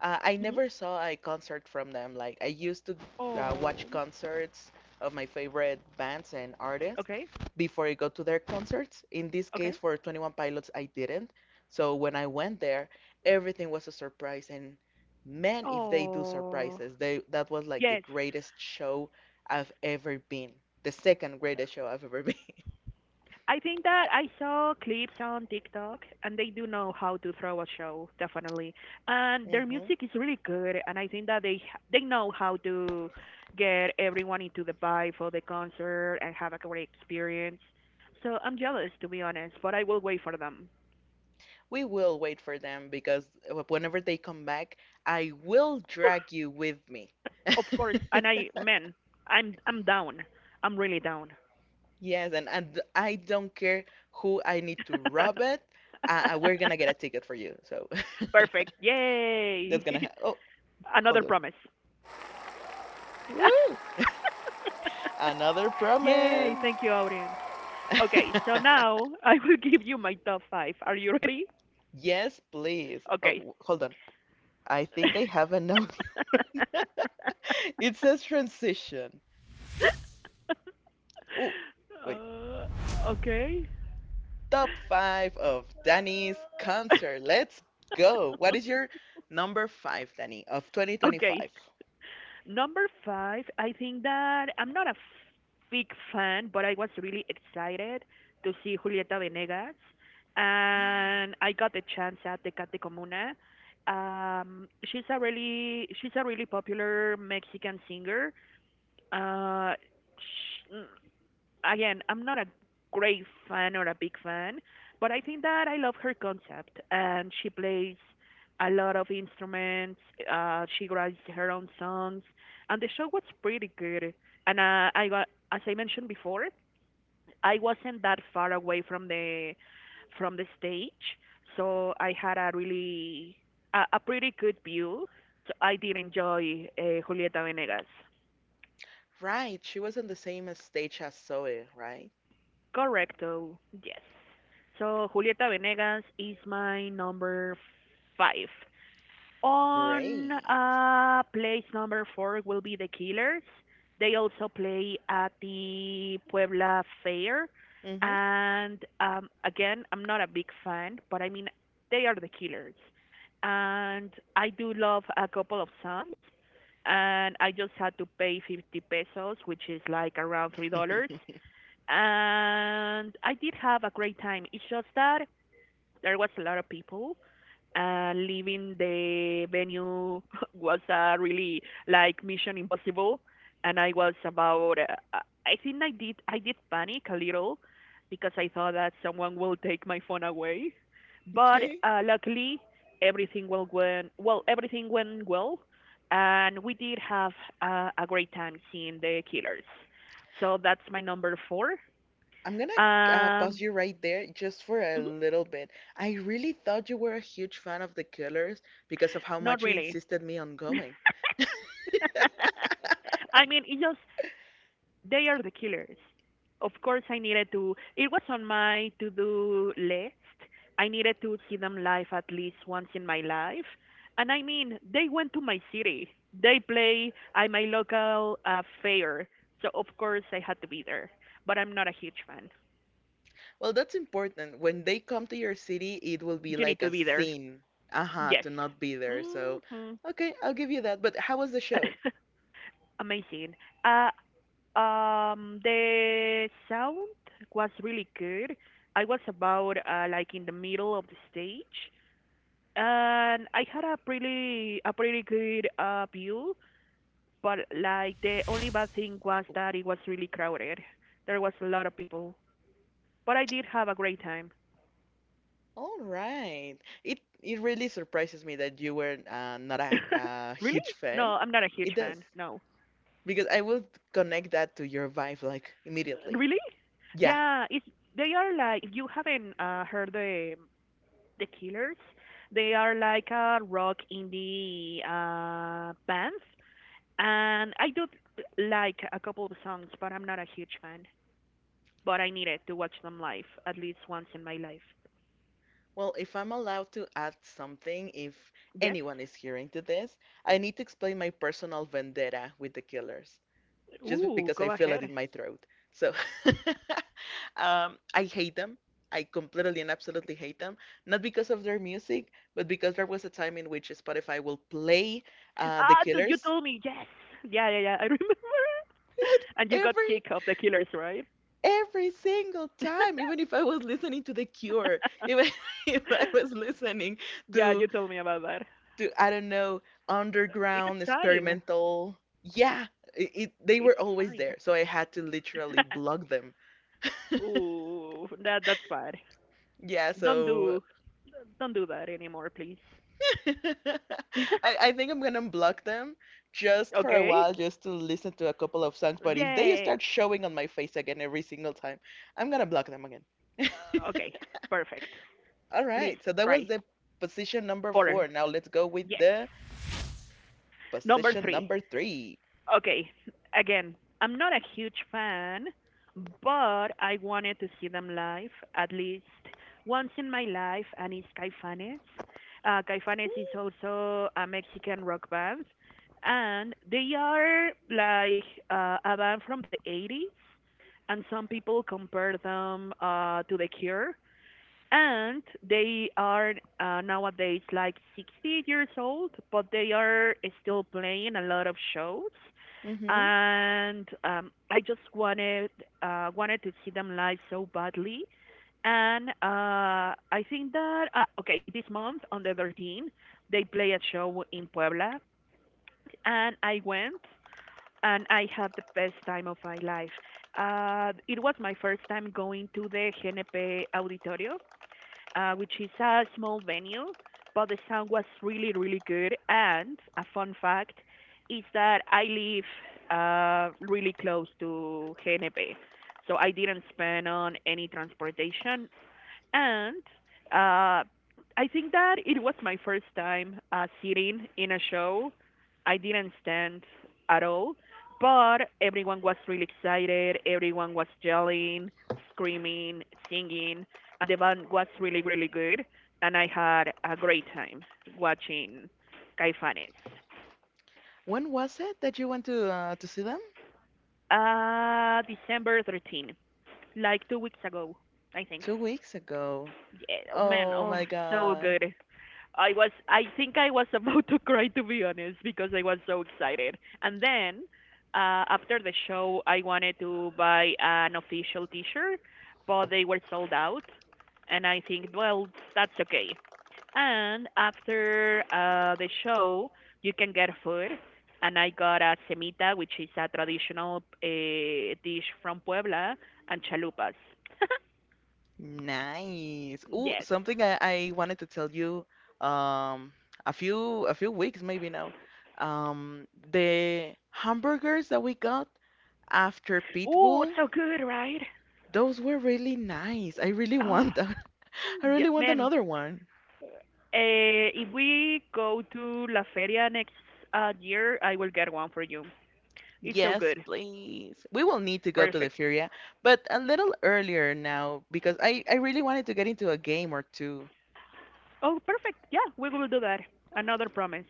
A: I never saw a concert from them. Like I used to
B: Oh.
A: watch concerts of my favorite bands and artists
B: Okay.
A: before I go to their concerts. In this case,
B: Okay.
A: for 21 Pilots, I didn't. So when I went there, everything was a surprise. And man, if they do
B: Oh.
A: surprises, they that was like
B: Yes.
A: the greatest show I've ever been. The second greatest show I've ever been.
B: I think that I saw clips on TikTok and they do know how to throw a show, definitely. And their music is really good and I think that they know how to get everyone into the vibe for the concert and have a great experience. So I'm jealous, to be honest, but I will wait for them.
A: We will wait for them because whenever they come back, I will drag you with me.
B: Of course, and I, man, I'm down. I'm really down.
A: Yes, and I don't care who I need to rob it. We're gonna get a ticket for you. So
B: Perfect. Yay.
A: oh,
B: Another
A: hold on.
B: promise.
A: Woo! Another
B: Yay, thank you
A: promise.
B: audience. Okay, so now I will give you my top five. Are you ready?
A: Yes, please.
B: Okay.
A: Hold on. I think I have a note. It says transition. Oh, wait.
B: Okay.
A: Top five of Danny's concert. Let's go. What is your number five, Danny, of
B: Okay.
A: 2025?
B: Number five, I think that I'm not a big fan, but I was really excited to see Julieta Venegas, and I got the chance at the Cate Comuna. She's a really popular Mexican singer. Uh, sh- again, I'm not a great fan or a big fan, but I think that I love her concept. And she plays a lot of instruments. She writes her own songs, and the show was pretty good. And I got, as I mentioned before, I wasn't that far away from the stage, so I had a really a pretty good view. So I did enjoy Julieta Venegas.
A: Right, she was on the same stage as Zoe, right?
B: Correcto. Yes. So Julieta Venegas is my number five. On
A: Great.
B: place number four will be the Killers. They also play at the Puebla Fair,
A: Hmm.
B: and again, I'm not a big fan, but I mean, they are the Killers, and I do love a couple of songs. And I just had to pay 50 pesos, which is like around $3, and I did have a great time. It's just that there was a lot of people. Leaving the venue was really like Mission Impossible, and I was about. I think I did. I did panic a little because I thought that someone will take my phone away, but
A: Okay.
B: luckily everything well went well. Everything went well, and we did have a great time seeing the Killers. So that's my number four.
A: I'm gonna
B: Um,
A: pause you right there just for a
B: mhm,
A: little bit. I really thought you were a huge fan of The Killers because of how
B: not
A: much you
B: really.
A: insisted me on going.
B: I mean, it just, they are the Killers. Of course, I needed to. It was on my to-do list. I needed to see them live at least once in my life. And I mean, they went to my city. They play at my local fair, so of course I had to be there. But I'm not a huge fan.
A: Well, that's important. When they come to your city, it will be
B: You need
A: like
B: to
A: a
B: be there.
A: scene. Aha,
B: Yes.
A: to not be there. So,
B: Hmm.
A: okay, I'll give you that. But how was the show?
B: Amazing. Uh, the sound was really good. I was about like in the middle of the stage, and I had a pretty good view. But like the only bad thing was that it was really crowded. There was a lot of people, but I did have a great time.
A: All right. It really surprises me that you were not a
B: Really?
A: huge
B: No,
A: fan.
B: I'm not a huge
A: It does.
B: fan. No.
A: Because I would connect that to your vibe like immediately.
B: Really?
A: Yeah.
B: Yeah, it's they are like if you haven't heard the Killers. They are like a rock indie band, and I do like a couple of songs, but I'm not a huge fan. But I needed to watch them live at least once in my life.
A: Well, if I'm allowed to add something, if
B: Yes.
A: anyone is hearing to this, I need to explain my personal vendetta with the killers. Just
B: Ooh,
A: because I
B: go
A: feel it
B: ahead.
A: in my throat. So I hate them. I completely and absolutely hate them. Not because of their music, but because there was a time in which Spotify will play The
B: Ah, dude, you
A: Killers
B: told me yes. Yeah, yeah, yeah. I remember. And you got
A: every
B: sick of the Killers, right?
A: every single time, even if I was listening to The Cure, even if I was listening
B: Yeah,
A: to
B: you told me about that.
A: to I don't know
B: It's
A: underground
B: a sign.
A: experimental. Yeah, they
B: It's
A: were
B: a
A: always
B: sign.
A: there, so I had to literally block them.
B: Ooh, that's bad.
A: Yeah,
B: Don't
A: so
B: do don't do that anymore, please.
A: I think I'm gonna block them just for a
B: Okay.
A: while, just to listen to a couple of songs. But if they
B: Yes.
A: start showing on my face again every single time, I'm gonna block them again.
B: Okay. Perfect.
A: All
B: Please
A: right, so that was
B: try.
A: the position number
B: Four.
A: four. Now let's go with
B: Yes.
A: the
B: Number
A: position
B: three.
A: number three.
B: Okay. Again, I'm not a huge fan, but I wanted to see them live at least once in my life, and it's Caifanes. Caifanes is also a Mexican rock band, and they are like a band from the 80s, and some people compare them to The Cure, and they are nowadays like 60 years old, but they are still playing a lot of shows.
A: Mm-hmm.
B: And I just wanted wanted to see them live so badly. And I think that okay, this month on the 13th they play a show in Puebla, and I went. And I had the best time of my life. It was my first time going to the GNP Auditorio, which is a small venue, but the sound was really, really good. And a fun fact is that I live really close to Geneve, so I didn't spend on any transportation. And uh, I think that it was my first time sitting in a show. I didn't stand at all, but everyone was really excited. Everyone was yelling, screaming, singing, and the band was really, really good. And I had a great time watching Caifanes.
A: When was it that you went to see them?
B: December 13, like 2 weeks ago, I think.
A: 2 weeks ago.
B: Yeah, oh man,
A: Oh
B: oh,
A: my
B: so
A: God.
B: good. I think I was about to cry, to be honest, because I was so excited. And then after the show, I wanted to buy an official T-shirt, but they were sold out. And I think, well, that's okay. And after the show, you can get food. And I got a semita, which is a traditional dish from Puebla, and chalupas.
A: Nice. Oh,
B: Yes.
A: something I wanted to tell you um a few weeks maybe now. Um, the hamburgers that we got after
B: Oh,
A: Pitbull,
B: so good, right?
A: those were really nice. I really
B: Oh,
A: want them. I
B: yeah,
A: really want
B: man.
A: another one.
B: If we go to La Feria next year, I will get one for you. It's so
A: Yes,
B: good.
A: please. We will need to go to the
B: Perfect.
A: Furia, but a little earlier now because I really wanted to get into a game or two.
B: Oh, perfect. Yeah, we will do that. Another promise.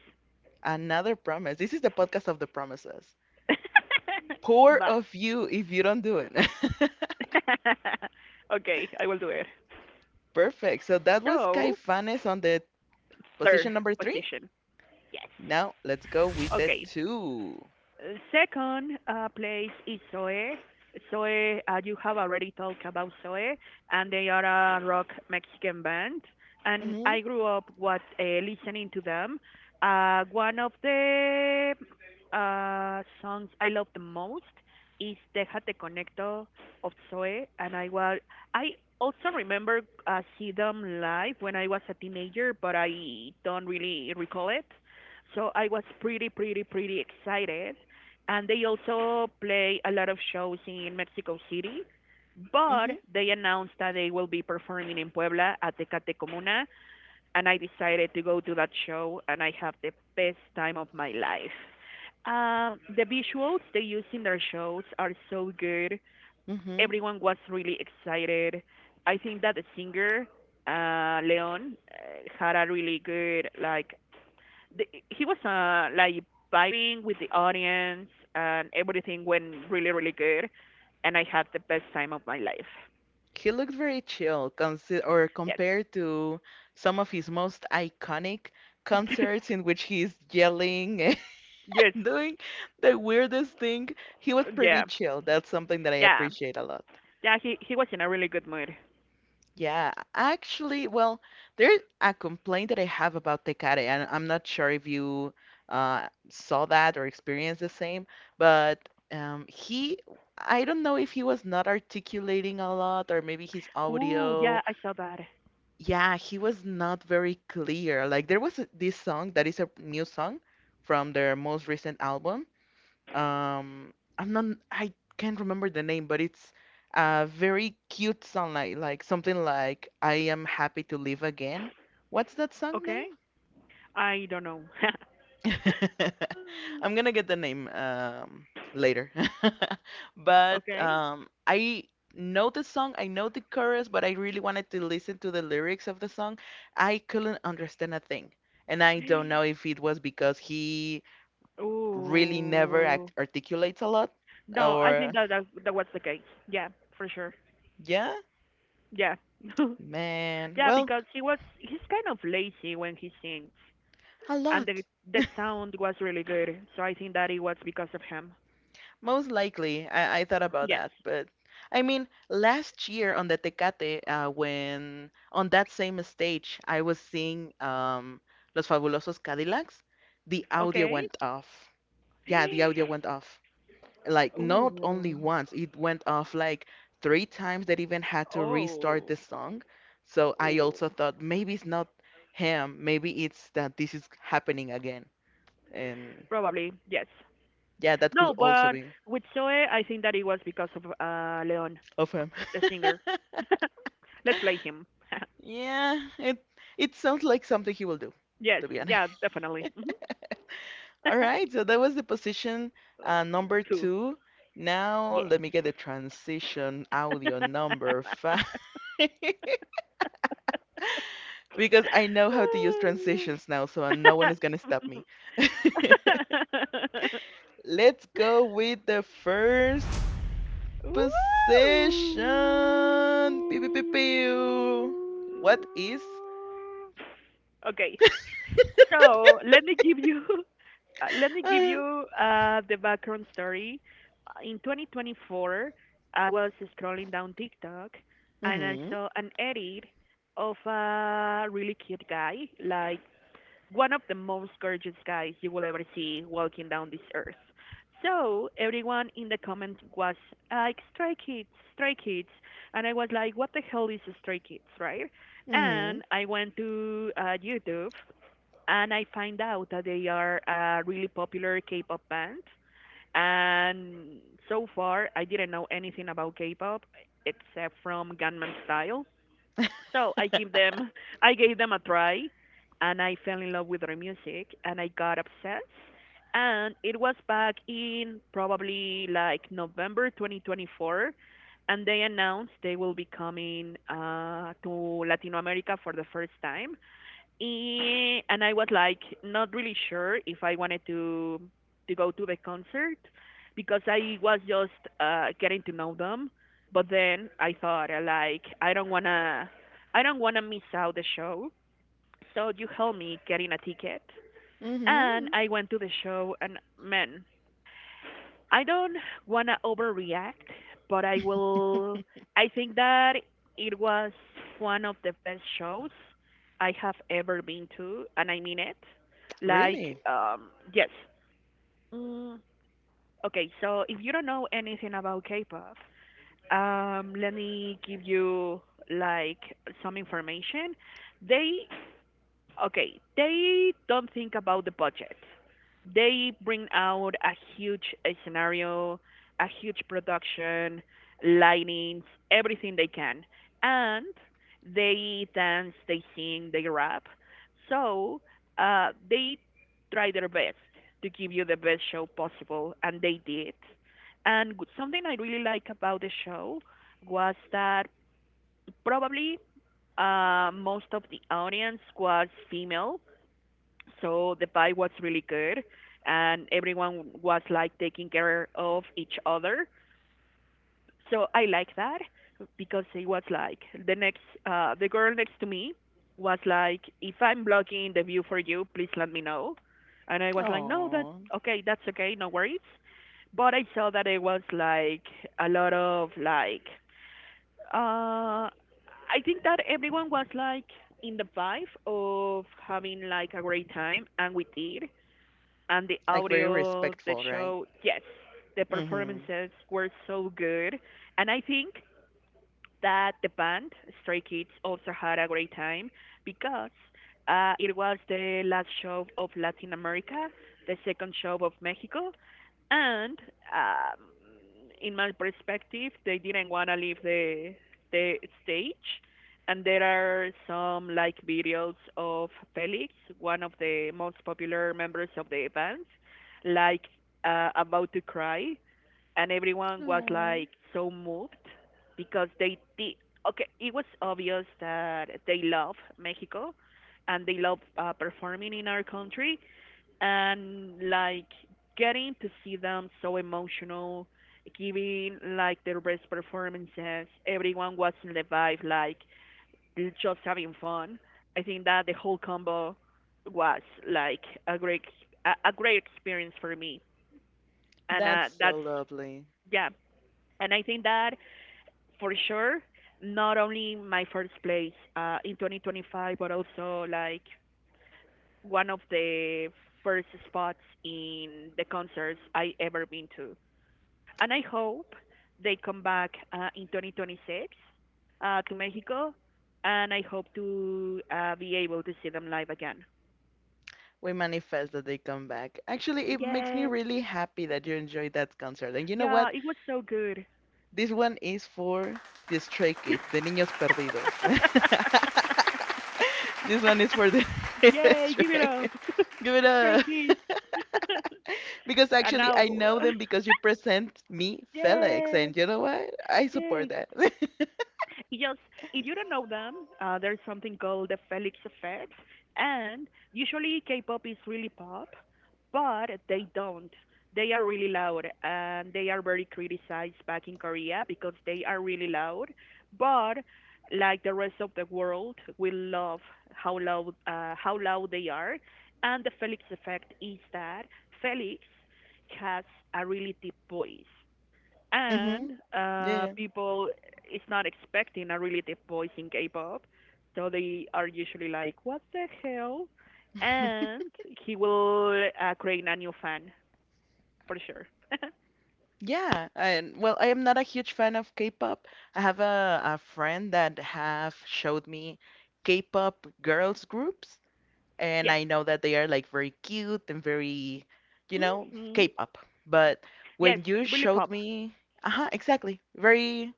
A: Another promise. This is the podcast of the promises. Poor
B: But
A: of you if you don't do it.
B: okay, I will do it.
A: Perfect. So that was
B: So
A: Caifanes on the position
B: third
A: number three.
B: position. Yes.
A: Now let's go with the
B: Okay.
A: two.
B: Second place is Zoe. Zoe, you have already talked about Zoe, and they are a rock Mexican band. And I
A: Mhm.
B: grew up what listening to them. One of the songs I love the most is "Déjate Conecto" of Zoe, and I also remember see them live when I was a teenager, but I don't really recall it. So I was pretty, pretty, pretty excited. And they also play a lot of shows in Mexico City, but
A: Mhm.
B: they announced that they will be performing in Puebla at the Cate Comuna. And I decided to go to that show, and I have the best time of my life. The visuals they use in their shows are so good.
A: Mhm.
B: Everyone was really excited. I think that the singer Leon had a really good like the, he was like vibing with the audience, and everything went really, really good, and I had the best time of my life.
A: He looked very chill, or
B: Yes.
A: compared to some of his most iconic concerts in which he's yelling and
B: Yes.
A: doing the weirdest thing. He was pretty
B: Yeah.
A: chill. That's something that I
B: Yeah.
A: appreciate a lot.
B: Yeah, he was in a really good mood.
A: Yeah, actually, well, there's a complaint that I have about Tecate, and I'm not sure if you saw that or experienced the same, but I don't know if he was not articulating a lot or maybe his
B: Ooh, yeah,
A: audio.
B: I saw that.
A: Yeah, he was not very clear. Like, this song that is a new song from their most recent album. Um, I'm not, I can't remember the name, but it's a very cute song, like something like "I am happy to live again." What's that song name?
B: Okay, I don't know.
A: I'm gonna get the name later. But
B: Okay.
A: I know the song, I know the chorus, but I really wanted to listen to the lyrics of the song. I couldn't understand a thing. And I don't know if it was because he really never act
B: Ooh.
A: articulates a lot
B: No, I
A: or
B: think that that was the case. Yeah, for sure.
A: Yeah,
B: Yeah.
A: man.
B: Yeah,
A: Well,
B: because he's kind of lazy when he sings,
A: a
B: and
A: lot.
B: the sound was really good. So I think that it was because of him.
A: Most likely, I thought about
B: Yes.
A: that, but I mean, last year on the Tecate, when on that same stage I was seeing Los Fabulosos Cadillacs, the audio
B: Okay.
A: went off. Yeah, the audio went off. Like, not
B: Ooh.
A: only once, it went off like three times that even had to restart the
B: Oh.
A: song. So I
B: Ooh.
A: also thought maybe it's not him, maybe it's that this is happening again. And
B: Probably yes.
A: yeah, that could
B: No,
A: also
B: but
A: be
B: with Zoe, I think that it was because of Leon,
A: of him.
B: the singer. Let's play him.
A: Yeah, it sounds like something he will do,
B: Yes.
A: to be honest.
B: Yeah. Definitely. Hmm.
A: All right, so that was the position
B: Um,
A: number
B: two.
A: two. Now
B: Yes.
A: let me get the transition audio number five because I know how to use transitions now, so no one is gonna stop me. Let's go with the first
B: Ooh.
A: position. Pew, pew, pew, pew. What is?
B: Okay, so let me give you let me give
A: Uh,
B: you the background story. In 2024, I was scrolling down TikTok, and I
A: Mhm.
B: saw an edit of a really cute guy, like one of the most gorgeous guys you will ever see walking down this earth. So everyone in the comments was like Stray Kids, Stray Kids, and I was like, what the hell is Stray Kids, right?
A: Mhm.
B: And I went to YouTube, and I find out that they are a really popular K-pop band. And so far, I didn't know anything about K-pop except from Gunman Style. So I gave them a try, and I fell in love with their music, and I got obsessed. And it was back in probably like November 2024, and they announced they will be coming to Latin America for the first time. Eh, and I was like not really sure if I wanted to go to the concert because I was just getting to know them. But then I thought like I don't wanna miss out the show. So you helped me getting a ticket, and
A: Mhm.
B: I went to the show. And man, I don't want to overreact, but I will. I think that it was one of the best shows I have ever been to, and I mean it. Like,
A: Really?
B: yes. Mm, okay, so if you don't know anything about K pop, let me give you like some information. They okay, they don't think about the budget. They bring out a huge scenario, a huge production, lightings, everything they can. And they dance, they sing, they rap. So they try their best to give you the best show possible, and they did. And something I really like about the show was that probably most of the audience was female, so the pie was really good, and everyone was like taking care of each other. So I like that because it was like the girl next to me was like, if I'm blocking the view for you, please let me know. And I was like, no, that
A: Oh,
B: okay, that's okay, no worries. But I saw that it was like a lot of like, uh, I think that everyone was like in the vibe of having like a great time, and we did, and the
A: like very
B: audio, the
A: respectful, right?
B: show, yes, the
A: Mhm.
B: performances were so good. And I think that the band Stray Kids also had a great time because it was the last show of Latin America, the second show of Mexico, and um, in my perspective, they didn't want to leave the stage. And there are some like videos of Felix, one of the most popular members of the band, like about to cry, and everyone was
A: Oh,
B: like so moved because they did. Okay, it was obvious that they love Mexico, and they love performing in our country, and like getting to see them so emotional, giving like their best performances, everyone was in the vibe like just having fun. I think that the whole combo was like a great, a great experience for me, and
A: that's
B: that's
A: so lovely.
B: yeah. And I think that for sure, not only my first place in 2025, but also like one of the first spots in the concerts I ever been to. And I hope they come back in 2026 to Mexico, and I hope to be able to see them live again.
A: We manifest that they come back. Actually, it makes me
B: Yes.
A: really happy that you enjoyed that concert. And you know
B: Yeah,
A: what?
B: it was so good.
A: This one is for the stray kids, the niños perdidos. This one is for the
B: Yay, give it
A: stray.
B: up.
A: Give it
B: Stray
A: up.
B: Kids.
A: Because
B: And
A: actually,
B: now
A: I know them because you present me Felix,
B: yes.
A: and you know what? I support
B: Yes.
A: that.
B: Yes, if you don't know them, there's something called the Felix effect, and usually K-pop is really pop, but they don't. They are really loud, and they are very criticized back in Korea because they are really loud. But like the rest of the world, we love how loud they are, and the Felix effect is that Felix has a really deep voice,
A: Mm-hmm.
B: and
A: Yeah,
B: people is not expecting a really deep voice in K-pop, so they are usually like, "What the hell?"
A: yeah.
B: And he will create a new fan for sure.
A: Yeah, and well, I am not a huge fan of K-pop. I have a friend that have showed me K-pop girls groups, and
B: Yes.
A: I know that they are like very cute and very, you know,
B: Hmm.
A: K-pop. But when
B: Yes,
A: you
B: really
A: showed
B: pop.
A: me, uh-huh, exactly, very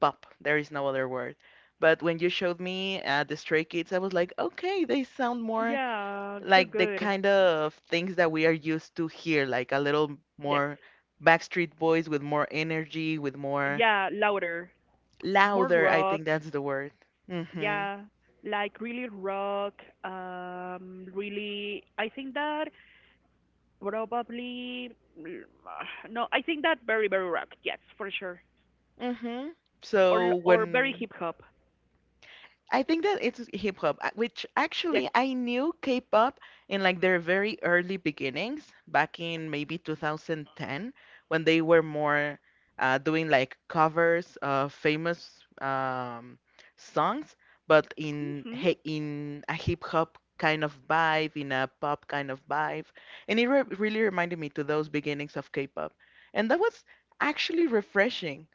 A: pop. There is no other word. But when you showed me the Stray Kids, I was like, okay, they sound more
B: Yeah, so
A: like the
B: good.
A: kind of things that we are used to here, like a little
B: Yes.
A: more Backstreet Boys with more energy, with more
B: Yeah, louder, more
A: louder. I
B: rock.
A: think that's the word. Mm-hmm.
B: Yeah, like really rock. Really, I think that probably mm, ah, no. I think that very, very rock. Yes, for sure.
A: Mm-hmm.
B: Or
A: So
B: or very
A: when
B: hip hop.
A: I think that it's hip hop, which actually
B: Yes.
A: I knew K-pop in like their very early beginnings back in maybe 2010 when they were more doing like covers of famous songs, but
B: Mhm.
A: in a hip hop kind of vibe, in a pop kind of vibe, and it re really reminded me to those beginnings of K-pop, and that was actually refreshing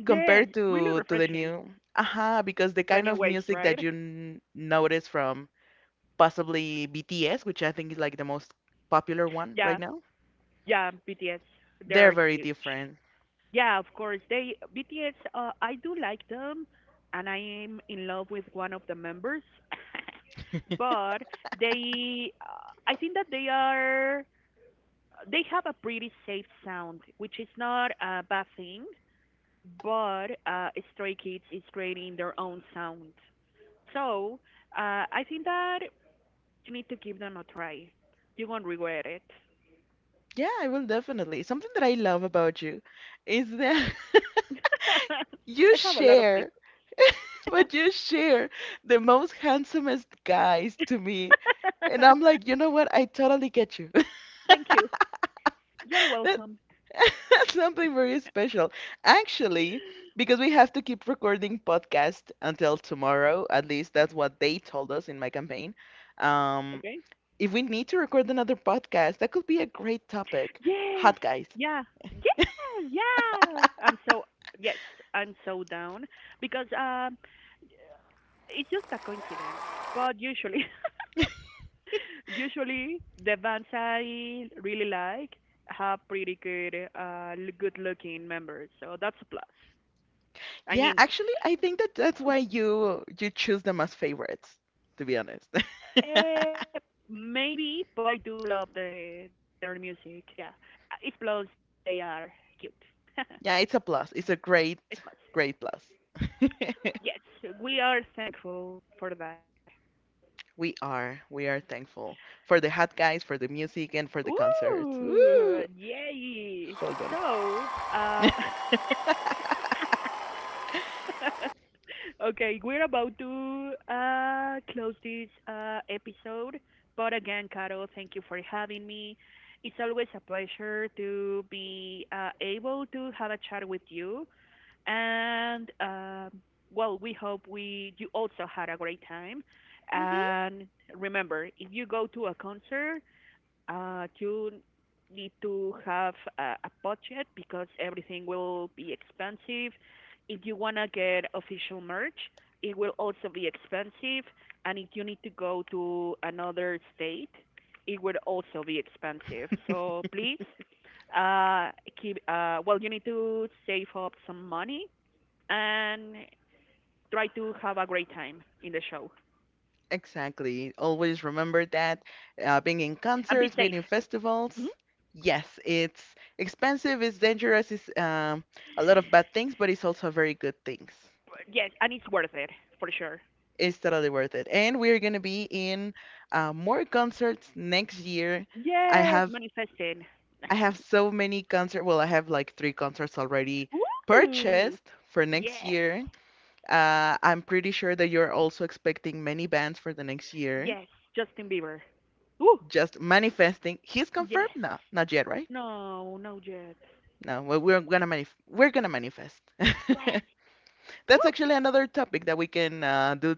B: Yeah,
A: compared
B: really
A: to the
B: refreshing.
A: new aha because the
B: The
A: kind
B: new
A: of
B: waves,
A: music
B: right?
A: that you notice from possibly BTS, which I think is like the most popular one right
B: Yeah,
A: now,
B: yeah. BTS,
A: they're
B: they're
A: very
B: huge.
A: different.
B: Yeah, of course. They BTS. I do like them, and I am in love with one of the members. But they, I think that they are. They have a pretty safe sound, which is not a bad thing, but Stray Kids is creating their own sound. So I think that you need to give them a try. You won't regret it.
A: Yeah, I will definitely. Something that I love about you is that you
B: I have a lot of
A: share
B: faith.
A: but you share the most handsomest guys to me, and I'm like, you know what, I totally get you.
B: Thank you. You're welcome.
A: Something very special. Actually, because we have to keep recording podcast until tomorrow, at least that's what they told us in my campaign. Um,
B: Okay.
A: if we need to record another podcast, that could be a great topic.
B: Yes.
A: Hot guys.
B: Yeah. Yes. Yeah. I'm so yes. I'm so down because it's just a coincidence. But usually. Usually, the bands I really like have pretty good, good-looking members, so that's a plus. I
A: Yeah,
B: mean,
A: actually, I think that that's why you choose them as favorites, to be honest.
B: eh, maybe, but I do love their music. Yeah, it's a plus they are cute.
A: Yeah, it's a plus. It's a great,
B: It's a plus.
A: great plus.
B: Yes, we are thankful for that.
A: We are. We are thankful for the hot guys, for the music, and for the concerts.
B: Ooh,
A: Woo!
B: yay! So,
A: Hold on.
B: okay, we're about to close this episode. But again, Carol, thank you for having me. It's always a pleasure to be able to have a chat with you. And well, we hope we you also had a great time.
A: Hmm.
B: And remember, if you go to a concert, you need to have a budget because everything will be expensive. If you want to get official merch, it will also be expensive. And if you need to go to another state, it would also be expensive. So please, uh, keep, well, you need to save up some money, and try to have a great time in the show,
A: Exactly. Always remember that being in
B: and
A: concerts,
B: be
A: being in
B: safe.
A: festivals,
B: Mhm.
A: yes, it's expensive, it's dangerous, it's a lot of bad things, but it's also very good things.
B: Yes, and it's worth it for sure.
A: It's totally worth it. And we're gonna be in more concerts next year. I
B: Yes,
A: have
B: manifesting.
A: I have so many concerts. Well, I have like 3 concerts already
B: Woo!
A: purchased for next
B: Yes,
A: year. I'm pretty sure that you're also expecting many bands for the next year.
B: yes, Justin Bieber. Woo!
A: Just manifesting. He's confirmed
B: Yes.
A: now. Not yet, right?
B: No, no jet.
A: No, well, we're gonna manifest.
B: Yes,
A: That's actually another topic that we can do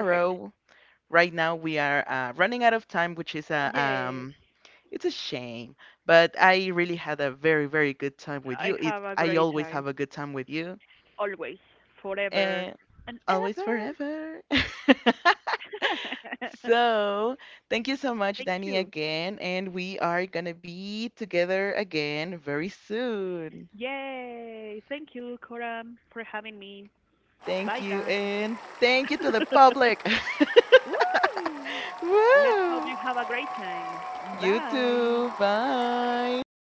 B: perfect.
A: Right now we are running out of time, which is a
B: Yes,
A: it's a shame. But I really had a very very good time with you.
B: I
A: It
B: have a
A: I
B: great
A: always
B: time.
A: have a good time with you,
B: Always, forever,
A: and
B: and
A: always
B: ever.
A: forever. So, thank you so much,
B: Thank
A: Danny,
B: you.
A: again. And we are going to be together again very soon.
B: Yay! Thank you, Coram, for having me. Bye,
A: Thank you.
B: guys.
A: And thank you to the public.
B: Woo! Let's hope you
A: Woo!
B: have a great
A: You too.
B: time. Bye.
A: Bye.